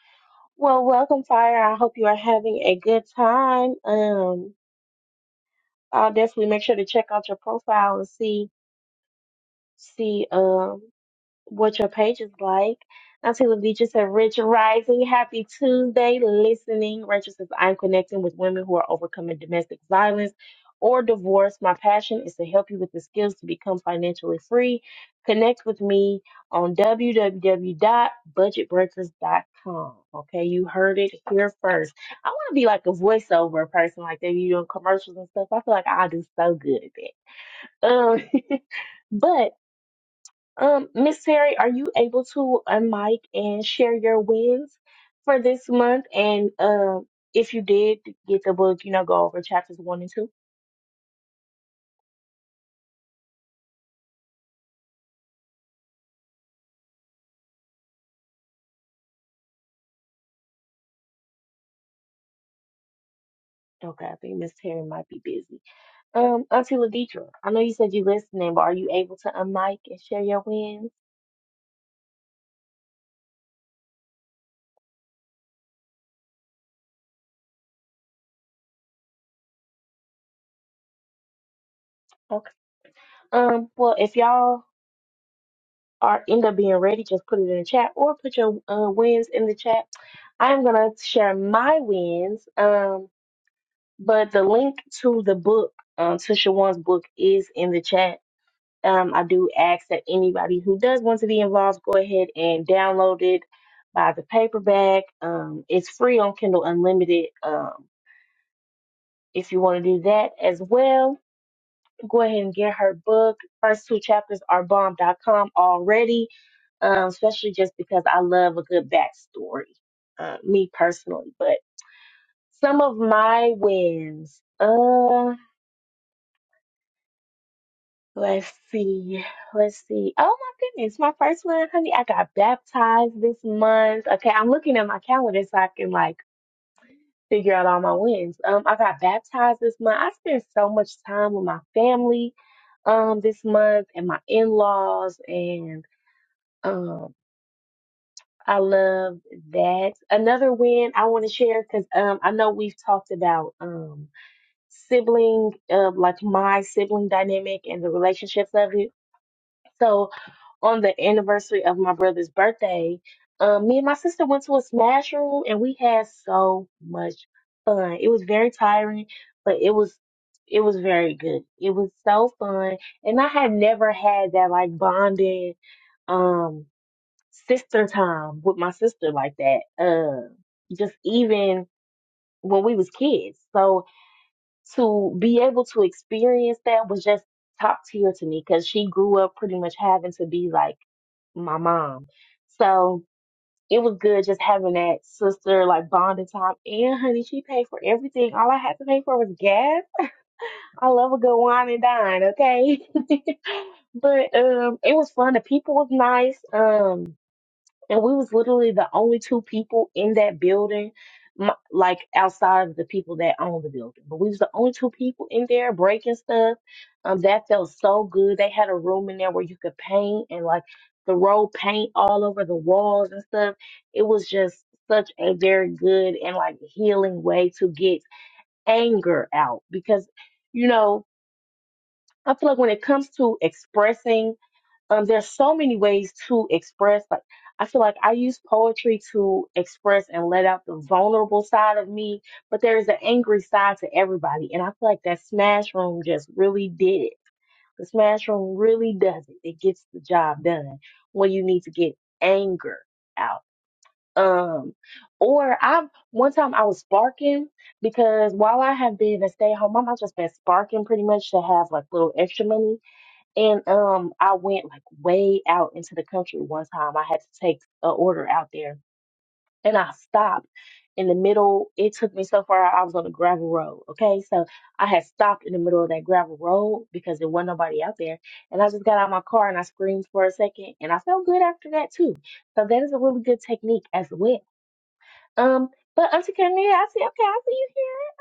Well, welcome, Fire. I hope you are having a good time. Um, I'll definitely make sure to check out your profile and see see um what your page is like. I Until the just a Rich Rising. Happy Tuesday, listening. Rachel says, I'm connecting with women who are overcoming domestic violence or divorce. My passion is to help you with the skills to become financially free. Connect with me on www.budgetbreakers.com. Okay, you heard it here first. I want to be like a voiceover person, like they be doing commercials and stuff. I feel like I do so good at that. Um, but um, Miss Terry, are you able to unmic and share your wins for this month? And um, if you did get the book, you know, go over chapters one and two. Okay, I think Miss Terry might be busy. Um, Auntie Ladidra, I know you said you listening, but are you able to unmic and share your wins? Okay. Um, well, if y'all are end up being ready, just put it in the chat or put your uh, wins in the chat. I'm gonna share my wins. Um, But the link to the book, um, to Shawan's book, is in the chat. Um, I do ask that anybody who does want to be involved go ahead and download it, buy the paperback. Um, it's free on Kindle Unlimited. Um, if you want to do that as well, go ahead and get her book. First two chapters are bomb. dot com already, um, especially just because I love a good backstory, uh, me personally. But some of my wins. uh. Let's see. Let's see. Oh my goodness. My first one, honey, I got baptized this month. Okay, I'm looking at my calendar so I can like figure out all my wins. Um, I got baptized this month. I spent so much time with my family um this month and my in-laws and um I love that. Another win I want to share because um I know we've talked about um sibling uh, like my sibling dynamic and the relationships of it. So on the anniversary of my brother's birthday, um, me and my sister went to a smash room and we had so much fun. It was very tiring, but it was it was very good. It was so fun. And I had never had that like bonding um sister time with my sister like that. Uh just even when we was kids. So to be able to experience that was just top tier to me because she grew up pretty much having to be like my mom. So it was good just having that sister like bonding time. And honey, she paid for everything. All I had to pay for was gas. I love a good wine and dine, okay? but um it was fun. The people was nice. Um and we was literally the only two people in that building m- like outside of the people that owned the building but we was the only two people in there breaking stuff um that felt so good they had a room in there where you could paint and like throw paint all over the walls and stuff it was just such a very good and like healing way to get anger out because you know i feel like when it comes to expressing um there's so many ways to express like i feel like i use poetry to express and let out the vulnerable side of me but there's an angry side to everybody and i feel like that smash room just really did it the smash room really does it it gets the job done when you need to get anger out um or i one time i was sparking because while i have been a stay-at-home mom i've just been sparking pretty much to have like little extra money and um, I went like way out into the country one time. I had to take an order out there, and I stopped in the middle. It took me so far. I was on a gravel road. Okay, so I had stopped in the middle of that gravel road because there wasn't nobody out there, and I just got out of my car and I screamed for a second, and I felt good after that too. So that is a really good technique as well. Um, but Auntie Cornelia, I said, okay, I see you here,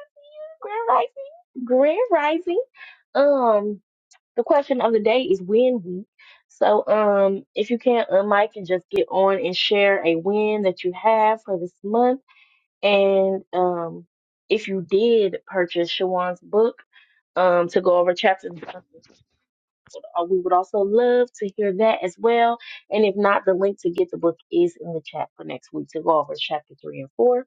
Grand Rising, Grand Rising. Um. The question of the day is win week. So, um, if you can unmic and just get on and share a win that you have for this month, and um, if you did purchase Shawan's book, um, to go over chapters, and verses, uh, we would also love to hear that as well. And if not, the link to get the book is in the chat for next week to go over chapter three and four.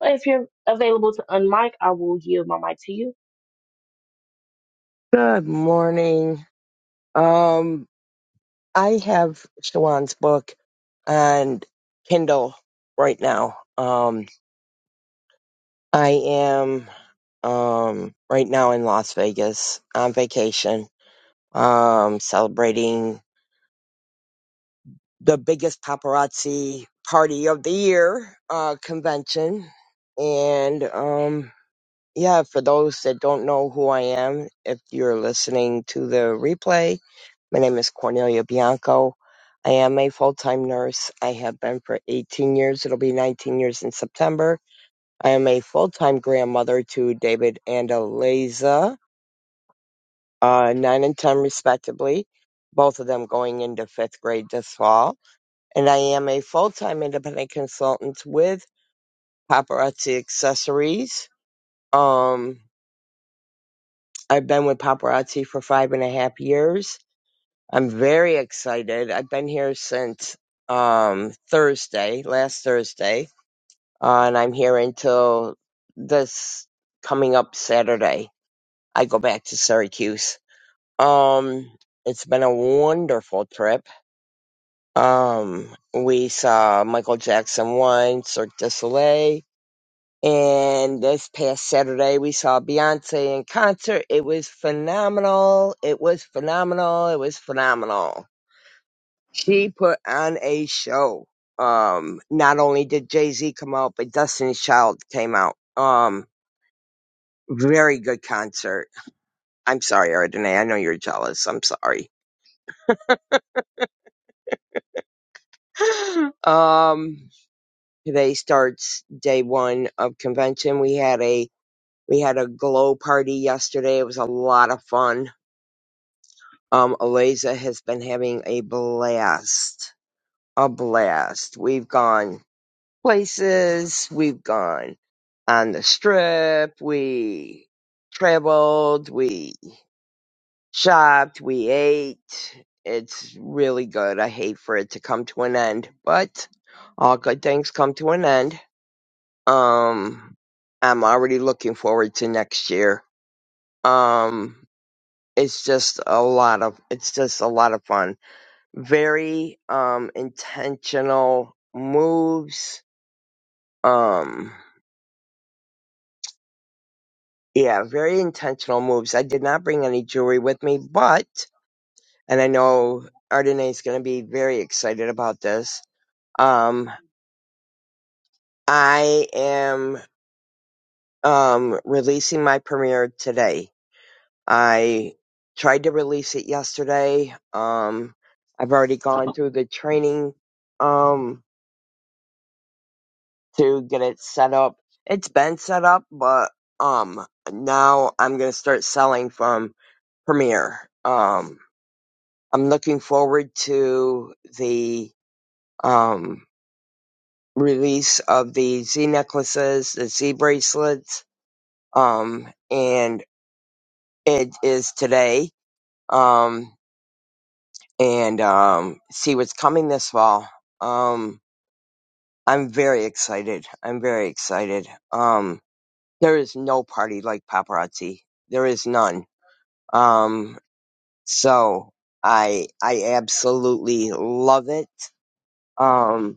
But if you're available to unmic, I will yield my mic to you. Good morning. Um, I have Shawan's book on Kindle right now. Um, I am um right now in Las Vegas on vacation, um, celebrating the biggest paparazzi party of the year, uh, convention. And um, yeah, for those that don't know who I am, if you're listening to the replay, My name is Cornelia Bianco. I am a full time nurse. I have been for 18 years. It'll be 19 years in September. I am a full time grandmother to David and Eliza, uh, 9 and 10 respectively, both of them going into fifth grade this fall. And I am a full time independent consultant with Paparazzi Accessories. Um, I've been with Paparazzi for five and a half years I'm very excited. I've been here since um, Thursday, last Thursday, uh, and I'm here until this coming up Saturday. I go back to Syracuse. Um, it's been a wonderful trip. Um, we saw Michael Jackson once, Cirque du Soleil, and this past Saturday we saw Beyonce in concert. It was phenomenal. It was phenomenal. It was phenomenal She put on a show. Um, not only did Jay Z come out, but Destiny's Child came out. Um, very good concert. I'm sorry, Ardenae. I know you're jealous. I'm sorry. um, today starts day one of convention. We had a we had a glow party yesterday. It was a lot of fun. Um, Eliza has been having a blast. A blast. We've gone. places. We've gone on the strip. We traveled. We shopped. We ate. It's really good. I hate for it to come to an end, but all good things come to an end. Um, I'm already looking forward to next year. Um, it's just a lot of, it's just a lot of fun. Very, um, intentional moves. Um, Yeah, very intentional moves. I did not bring any jewelry with me, but and I know Ardenae is going to be very excited about this. Um, I am um releasing my premiere today. I tried to release it yesterday. Um, I've already gone through the training um to get it set up. It's been set up, but um now I'm going to start selling from premiere. Um I'm looking forward to the um, release of the Z necklaces, the Z bracelets, um, and it is today. Um, and um, see what's coming this fall. Um, I'm very excited. I'm very excited. Um, there is no party like paparazzi. There is none. Um, so I I absolutely love it. Um,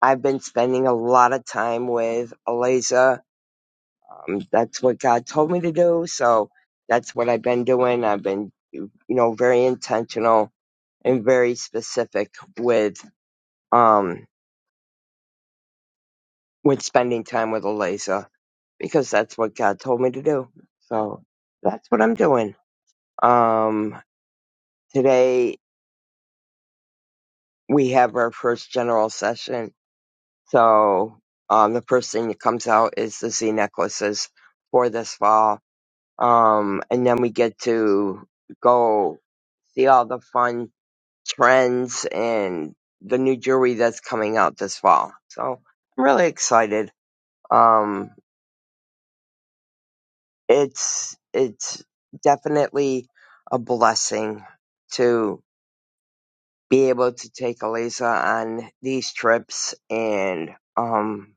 I've been spending a lot of time with Eliza. Um, that's what God told me to do. So that's what I've been doing. I've been, you know, very intentional and very specific with, um, with spending time with Eliza because that's what God told me to do. So that's what I'm doing. Um, today we have our first general session. So, um, the first thing that comes out is the Z necklaces for this fall Um, and then we get to go see all the fun trends and the new jewelry that's coming out this fall. So I'm really excited. Um, it's, it's definitely a blessing to be able to take Eliza on these trips and, um,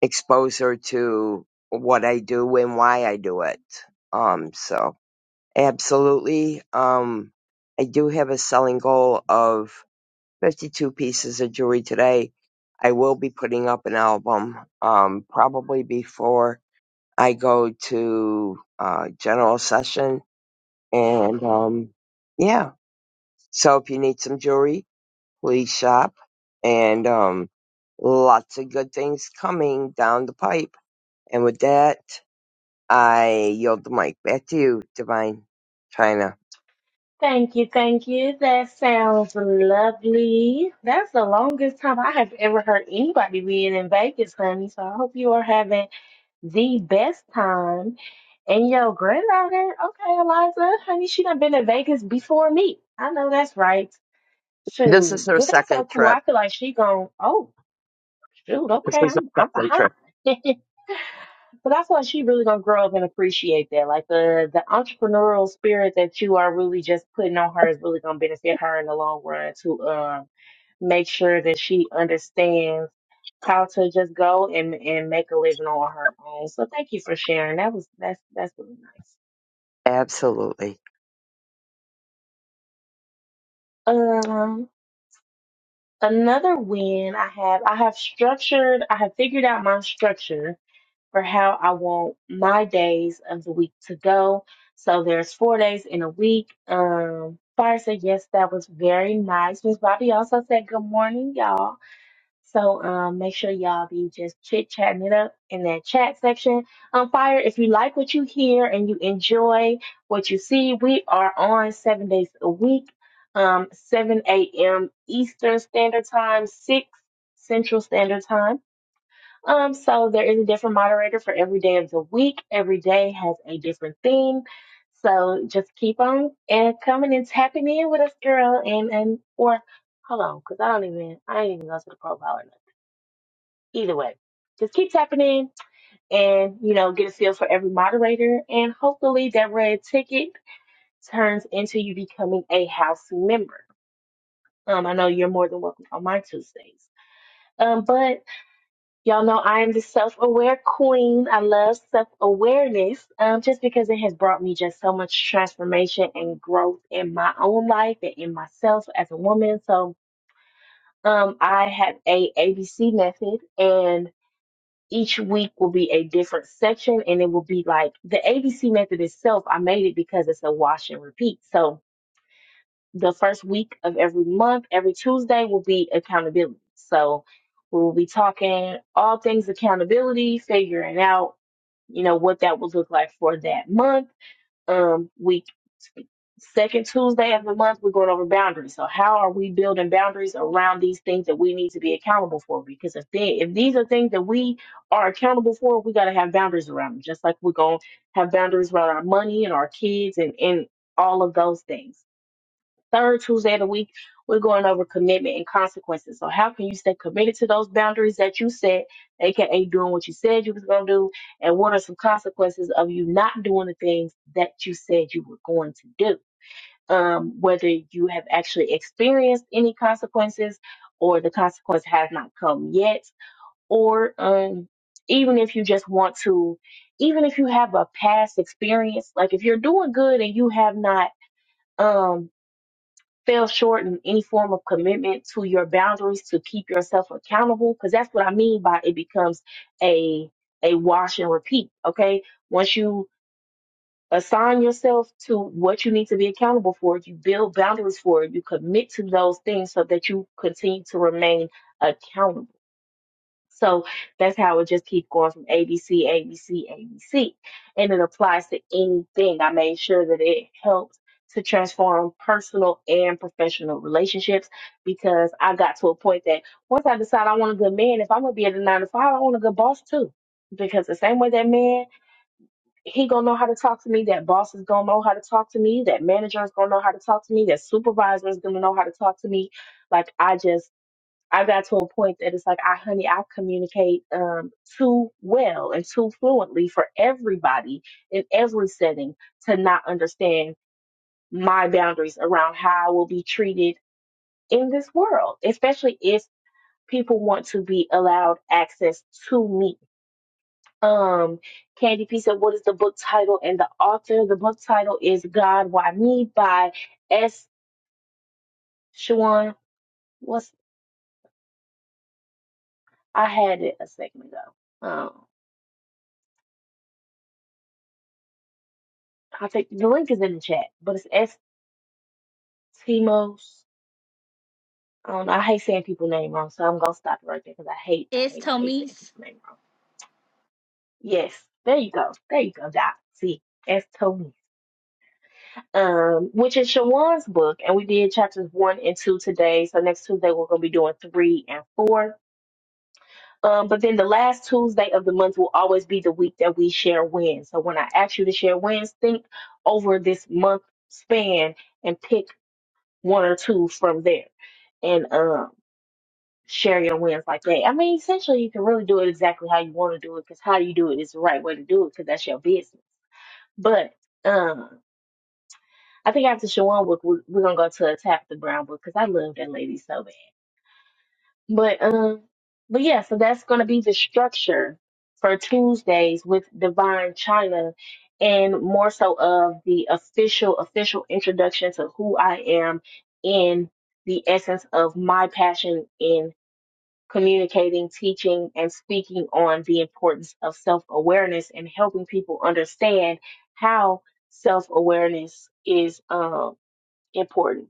expose her to what I do and why I do it. Um, so Absolutely. Um, I do have a selling goal of 52 pieces of jewelry today. I will be putting up an album, um, probably before I go to, uh, general session. And, um, yeah. So if you need some jewelry, please shop and, um, lots of good things coming down the pipe. And with that, I yield the mic back to you, Divine China. Thank you, thank you. That sounds lovely. That's the longest time I have ever heard anybody being in Vegas, honey. So I hope you are having the best time. And yo, granddaughter, okay, Eliza, honey, she done been to Vegas before me. I know that's right. This is Shoot, her but that's so second cool. trip. I feel like she gone, oh, shoot, This okay, is a I'm I'm second behind. trip. But that's why she really gonna grow up and appreciate that. Like the the entrepreneurial spirit that you are really just putting on her is really gonna benefit her in the long run to um make sure that she understands how to just go and and make a living on her own. So thank you for sharing. That was that's that's really Absolutely. nice. Um, another win I have I have structured I have figured out my structure for how I want my days of the week to go. So there's four days in a week. Um, Fire said yes, that was very nice. Miss Bobby also said good morning, y'all. So um, make sure y'all be just chit chatting it up in that chat section. Um, Fire, if you like what you hear and you enjoy what you see, we are on seven days a week, um, 7 a.m. Eastern Standard Time, 6 Central Standard Time. Um, so there is a different moderator for every day of the week. Every day has a different theme. So just keep on and coming and tapping in with us, girl. And and or hold on, because I don't even I ain't even go to the profile or nothing. Either way. Just keep tapping in and you know, get a feel for every moderator and hopefully that red ticket turns into you becoming a house member. Um, I know you're more than welcome on my Tuesdays. Um, but Y'all know I am the self aware queen. I love self awareness um, just because it has brought me just so much transformation and growth in my own life and in myself as a woman. So um, I have a ABC method, and each week will be a different section, and it will be like the ABC method itself. I made it because it's a wash and repeat. So the first week of every month, every Tuesday will be accountability. So we'll be talking all things accountability, figuring out, you know, what that would look like for that month. Um, week second Tuesday of the month, we're going over boundaries. So how are we building boundaries around these things that we need to be accountable for? Because if they, if these are things that we are accountable for, we got to have boundaries around them. Just like we're going to have boundaries around our money and our kids and, and all of those things third Tuesday of the week, we're going over commitment and consequences. So how can you stay committed to those boundaries that you set, aka doing what you said you was gonna do, and what are some consequences of you not doing the things that you said you were going to do? Um, whether you have actually experienced any consequences or the consequence has not come yet, or um even if you just want to, even if you have a past experience, like if you're doing good and you have not um fell short in any form of commitment to your boundaries to keep yourself accountable because that's what i mean by it becomes a a wash and repeat okay once you assign yourself to what you need to be accountable for you build boundaries for it you commit to those things so that you continue to remain accountable so that's how it just keeps going from A B C A B C A B C, And it applies to anything. I made sure that it helps to transform personal and professional relationships because I got to a point that once I decide I want a good man, if I'm gonna be at a nine to five, I want a good boss too. Because the same way that man, he gonna know how to talk to me, that boss is gonna know how to talk to me, that manager is gonna know how to talk to me, that supervisor is gonna know how to talk to me. Like I just I got to a point that it's like, I, honey, I communicate um, too well and too fluently for everybody in every setting to not understand my boundaries around how I will be treated in this world, especially if people want to be allowed access to me. Um, Candy P said, What is the book title and the author? The book title is God Why Me by S. Shawan. What's I had it a second ago. Um, I think the link is in the chat, but it's Eskimos. I don't know. I hate saying people name wrong, so I'm gonna stop it right there because I hate, I It's hate, I hate saying people Tomise name wrong. Yes, there you go, there you go, Doc. See, that's Tony. Um, which is Shawan's book, and we did chapters one and two today. So next Tuesday we're gonna be doing three and four. Um, but then the last Tuesday of the month will always be the week that we share wins. So when I ask you to share wins, think over this month span and pick one or two from there. and um share your wins like that. I mean, essentially, you can really do it exactly how you want to do it because how you do it is the right way to do it because that's your business. But um, I think after Shawan book, we- we're gonna go to a tap the brown book because I love that lady so bad. But um, but yeah, so that's gonna be the structure for Tuesdays with Divine China. And more so of the official, official introduction to who I am in the essence of my passion in. communicating, teaching, and speaking on the importance of self awareness and helping people understand how self awareness is um, important.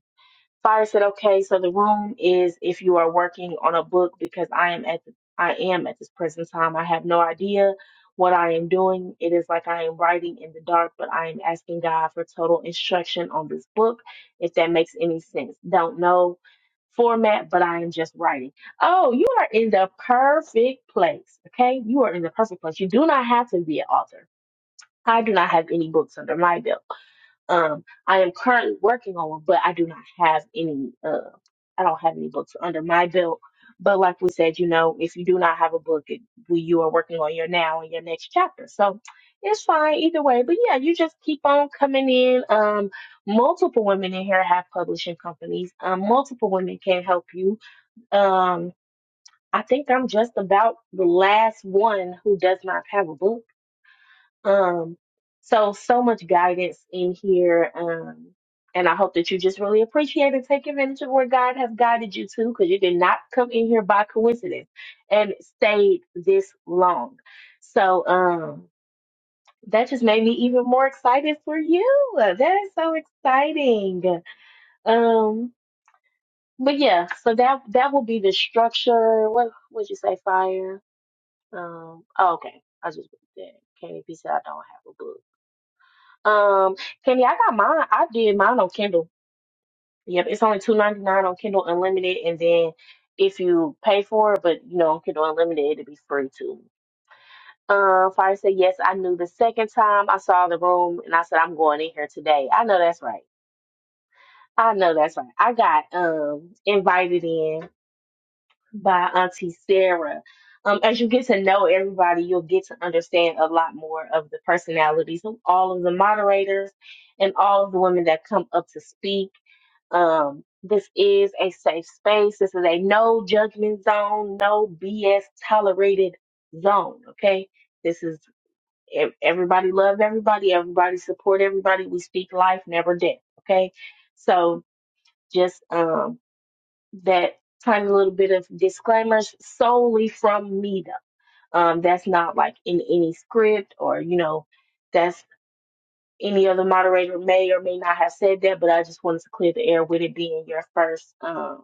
Fire said, "Okay, so the room is if you are working on a book because I am at the, I am at this present time. I have no idea what I am doing. It is like I am writing in the dark, but I am asking God for total instruction on this book. If that makes any sense, don't know format, but I am just writing. Oh, you are in the perfect place. Okay, you are in the perfect place. You do not have to be an author. I do not have any books under my belt. Um, I am currently working on one, but I do not have any. Uh, I don't have any books under my belt. But like we said, you know, if you do not have a book, it, we, you are working on your now and your next chapter. So it's fine either way. But yeah, you just keep on coming in. Um, multiple women in here have publishing companies. Um, multiple women can help you. Um, I think I'm just about the last one who does not have a book. Um, so so much guidance in here. Um, and I hope that you just really appreciate and take advantage of where God has guided you to, because you did not come in here by coincidence and stayed this long. So um that just made me even more excited for you. That is so exciting. Um, but yeah, so that that will be the structure. What would you say, fire? Um, oh, okay. I just that. Can't even be said I don't have a book. Um, Kenny, I got mine. I did mine on Kindle. Yep, it's only two ninety nine on Kindle Unlimited, and then if you pay for it, but you know, on Kindle Unlimited, it'll be free too. Um, Fire said yes. I knew the second time I saw the room, and I said I'm going in here today. I know that's right. I know that's right. I got um invited in by Auntie Sarah. Um, as you get to know everybody, you'll get to understand a lot more of the personalities of all of the moderators and all of the women that come up to speak. Um, this is a safe space. This is a no judgment zone, no BS tolerated zone. Okay. This is ev- everybody love everybody, everybody support everybody. We speak life, never death. Okay. So just um that tiny little bit of disclaimers solely from me though. Um, that's not like in any script or, you know, that's any other moderator may or may not have said that, but I just wanted to clear the air with it being your first. um.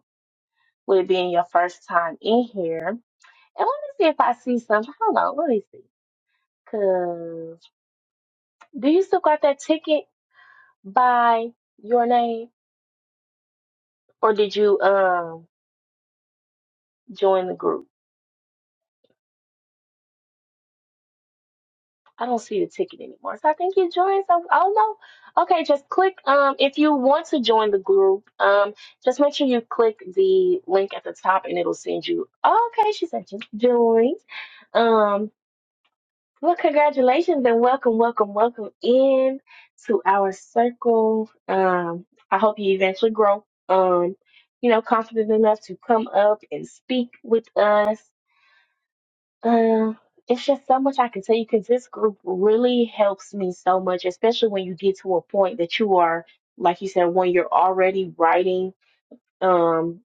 with being your first time in here. And let me see if I see something. Hold on, let me see. Cause do you still got that ticket by your name, or did you um join the group? I don't see the ticket anymore, so I think you joined. Some, oh no, okay. Just click um if you want to join the group. Um, just make sure you click the link at the top, and it'll send you. okay, she said just join. Um. Well, congratulations and welcome, welcome, welcome in to our circle. Um, I hope you eventually grow, um, you know, confident enough to come up and speak with us. Um, it's just so much I can tell you because this group really helps me so much, especially when you get to a point that you are, like you said, when you're already writing, um,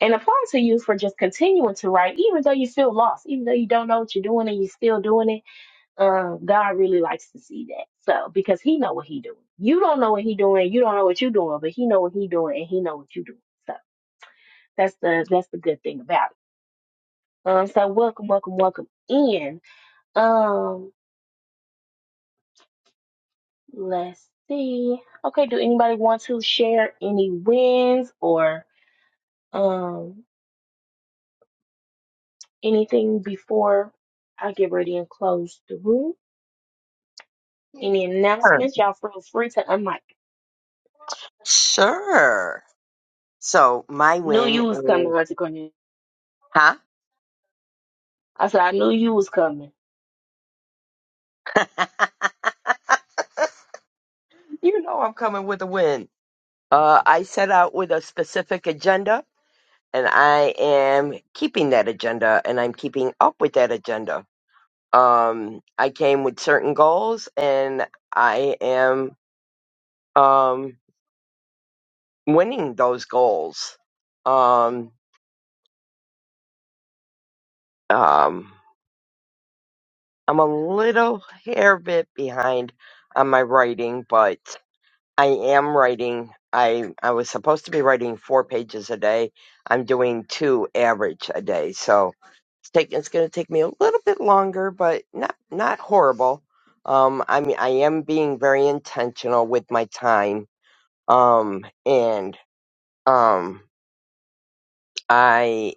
and applaud to you for just continuing to write, even though you feel lost, even though you don't know what you're doing and you're still doing it uh, God really likes to see that. So because He know what He doing. You don't know what He doing. You don't know what you doing, but He know what He doing, and He know what you doing. So that's the that's the good thing about it. Um, so welcome, welcome, welcome in. Um, let's see. Okay, do anybody want to share any wins or um anything before I get ready and close the room? Any Sure. announcements? Y'all feel free to unmic. Sure. So my Knew win you was coming, is, Auntie Cornelia. huh? I said I knew you was coming. You know I'm coming with a win. Uh, I set out with a specific agenda, and I am keeping that agenda, and I'm keeping up with that agenda. Um, I came with certain goals, and I am um winning those goals. Um, um, I'm a little hair bit behind on my writing, but I am writing. I I was supposed to be writing four pages a day. I'm doing two average a day, so it's taking it's going to take me a little bit longer, but not not horrible. Um, I mean, I am being very intentional with my time. Um, and um, I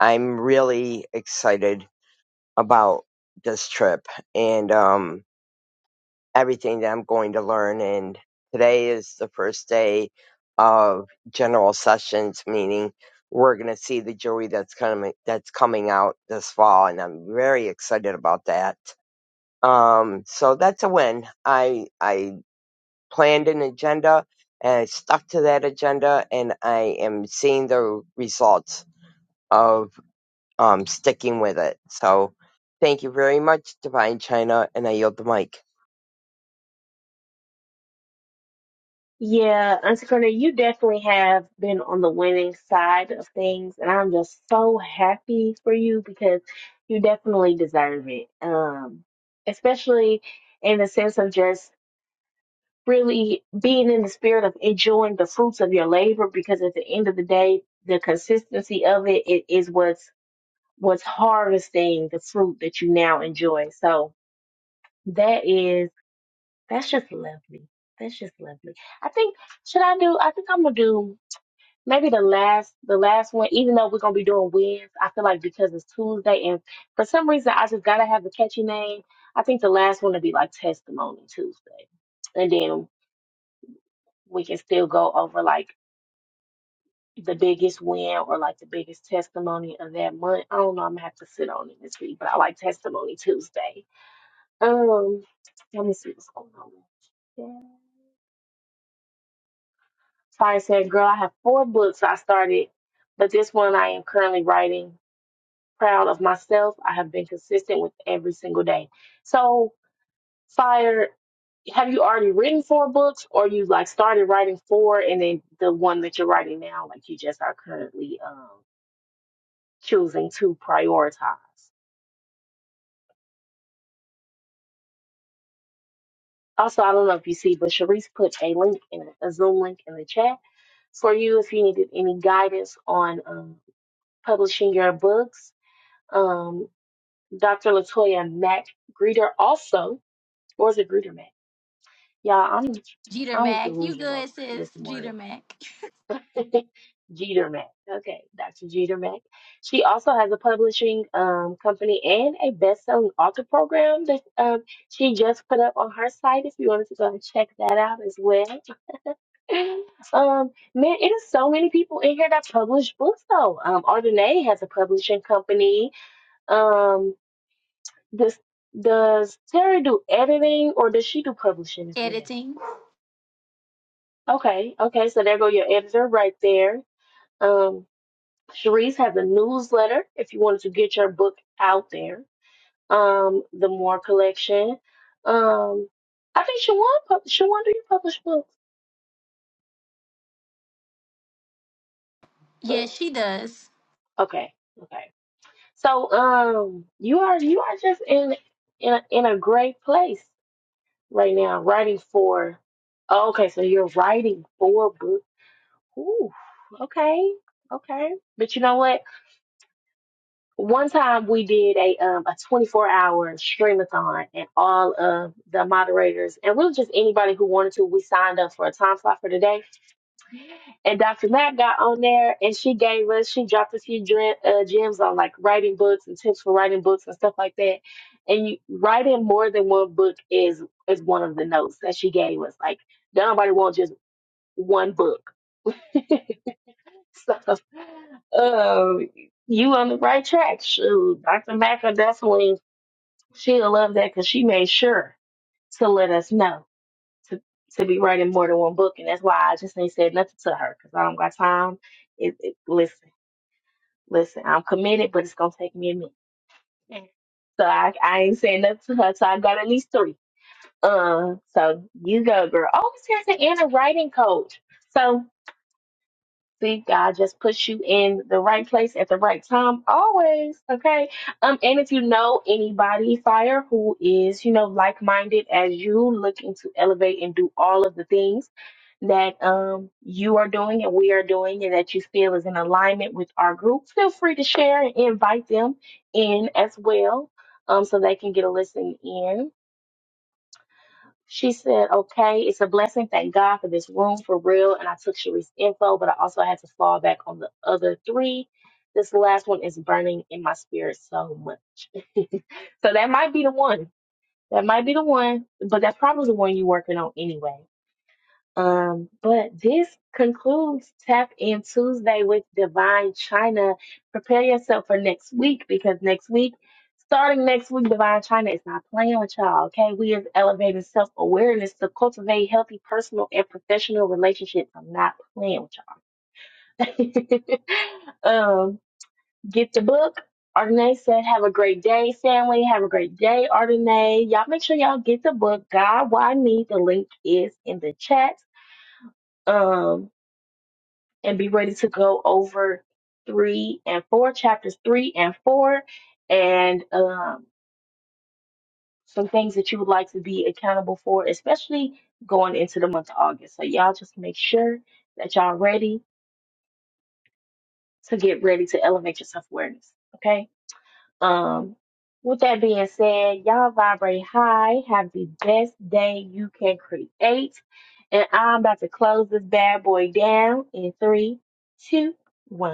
I'm really excited about this trip, and um, everything that I'm going to learn. And today is the first day of general sessions, meaning we're going to see the jury that's coming that's coming out this fall, and I'm very excited about that. Um, so that's a win. I I planned an agenda and I stuck to that agenda, and I am seeing the results of um, sticking with it. So. Thank you very much, Divine China, and I yield the mic. Yeah, Auntie Cornelia, you definitely have been on the winning side of things, and I'm just so happy for you because you definitely deserve it. Um, especially in the sense of just really being in the spirit of enjoying the fruits of your labor, because at the end of the day, the consistency of it, it is what's what's harvesting the fruit that you now enjoy. So that is that's just lovely. That's just lovely. I think should I do? I think I'm gonna do. maybe the last the last one, even though we're gonna be doing wins, I feel like because it's Tuesday and for some reason I just gotta have a catchy name. I think the last one would be like Testimony Tuesday. And then we can still go over like the biggest win or like the biggest testimony of that month. I don't know, I'm gonna have to sit on it this week, but I like Testimony Tuesday. Um let me see what's going on. Yeah. Fire said, girl, I have four books I started, but this one I am currently writing. proud of myself. I have been consistent with every single day. So, Fire, have you already written four books or you like started writing four and then the one that you're writing now, like you just are currently um, choosing to prioritize? Also, I don't know if you see, but Sharice put a link in a Zoom link in the chat for you if you needed any guidance on um, publishing your books. Um, Dr. Latoya Mack Greeter also, or is it Greeter Mack? Yeah, I'm Jeter I'm Mac. You delusional good, sis? this Jeter morning. Mac. Jeter Mack. Okay, Dr. Jeter Mack. She also has a publishing um, company and a best-selling author program that um, she just put up on her site. If you wanted to go and check that out as well. um, man, it is so many people in here that publish books though. Um, Ardenae has a publishing company. Um, does does Terry do editing or does she do publishing as well? Editing. Okay, okay, so there go your editor right there. Um, Cherise has a newsletter if you wanted to get your book out there. Um, the More Collection. Um, I think Shawan, pub- Shawan, do you publish books? Yes, she does. Okay, okay. So, um, you are you are just in in a, in a great place right now, writing for. Oh, okay, so you're writing for books. Ooh, okay, okay. But you know what? One time we did a um a 24 hour streamathon and all of the moderators and really just anybody who wanted to, we signed up for a time slot for the day And Dr. Lab got on there and she gave us, she dropped a few dre- uh, gems on like writing books and tips for writing books and stuff like that. And you, writing more than one book is is one of the notes that she gave us. Like don't nobody wants just one book. so um you on the right track. Shoot, Dr. Mack will definitely She'll love that because she made sure to let us know to to be writing more than one book, and that's why I just ain't said nothing to her because I don't got time. It, it, listen, listen, I'm committed, but it's gonna take me a minute. So I, I ain't saying nothing to her. So I got at least three. Uh, so you go, girl. Oh, it says an inner writing coach. So See, God just puts you in the right place at the right time, always. Okay. Um, and if you know anybody, fire, who is, you know, like minded as you, looking to elevate and do all of the things that um you are doing and we are doing and that you feel is in alignment with our group, feel free to share and invite them in as well. Um, so they can get a listen in. She said, okay, it's a blessing. Thank God for this room for real. And I took Sharice's info, but I also had to fall back on the other three. This last one is burning in my spirit so much. so that might be the one. That might be the one, but that's probably the one you're working on anyway. Um, but this concludes Tap In Tuesday with Divine China. Prepare yourself for next week because next week, starting next week, Divine China is not playing with y'all. Okay, we is elevating self awareness to cultivate healthy personal and professional relationships. I'm not playing with y'all. um, get the book. Ardenae said, "Have a great day, family. Have a great day, Ardenae." Y'all make sure y'all get the book. God, why me? The link is in the chat." Um, and be ready to go over three and four, chapters three and four, and um, some things that you would like to be accountable for, especially going into the month of August. So, y'all just make sure that y'all ready to get ready to elevate your self awareness. Okay. Um, with that being said, y'all vibrate high. Have the best day you can create. And I'm about to close this bad boy down in three, two, one.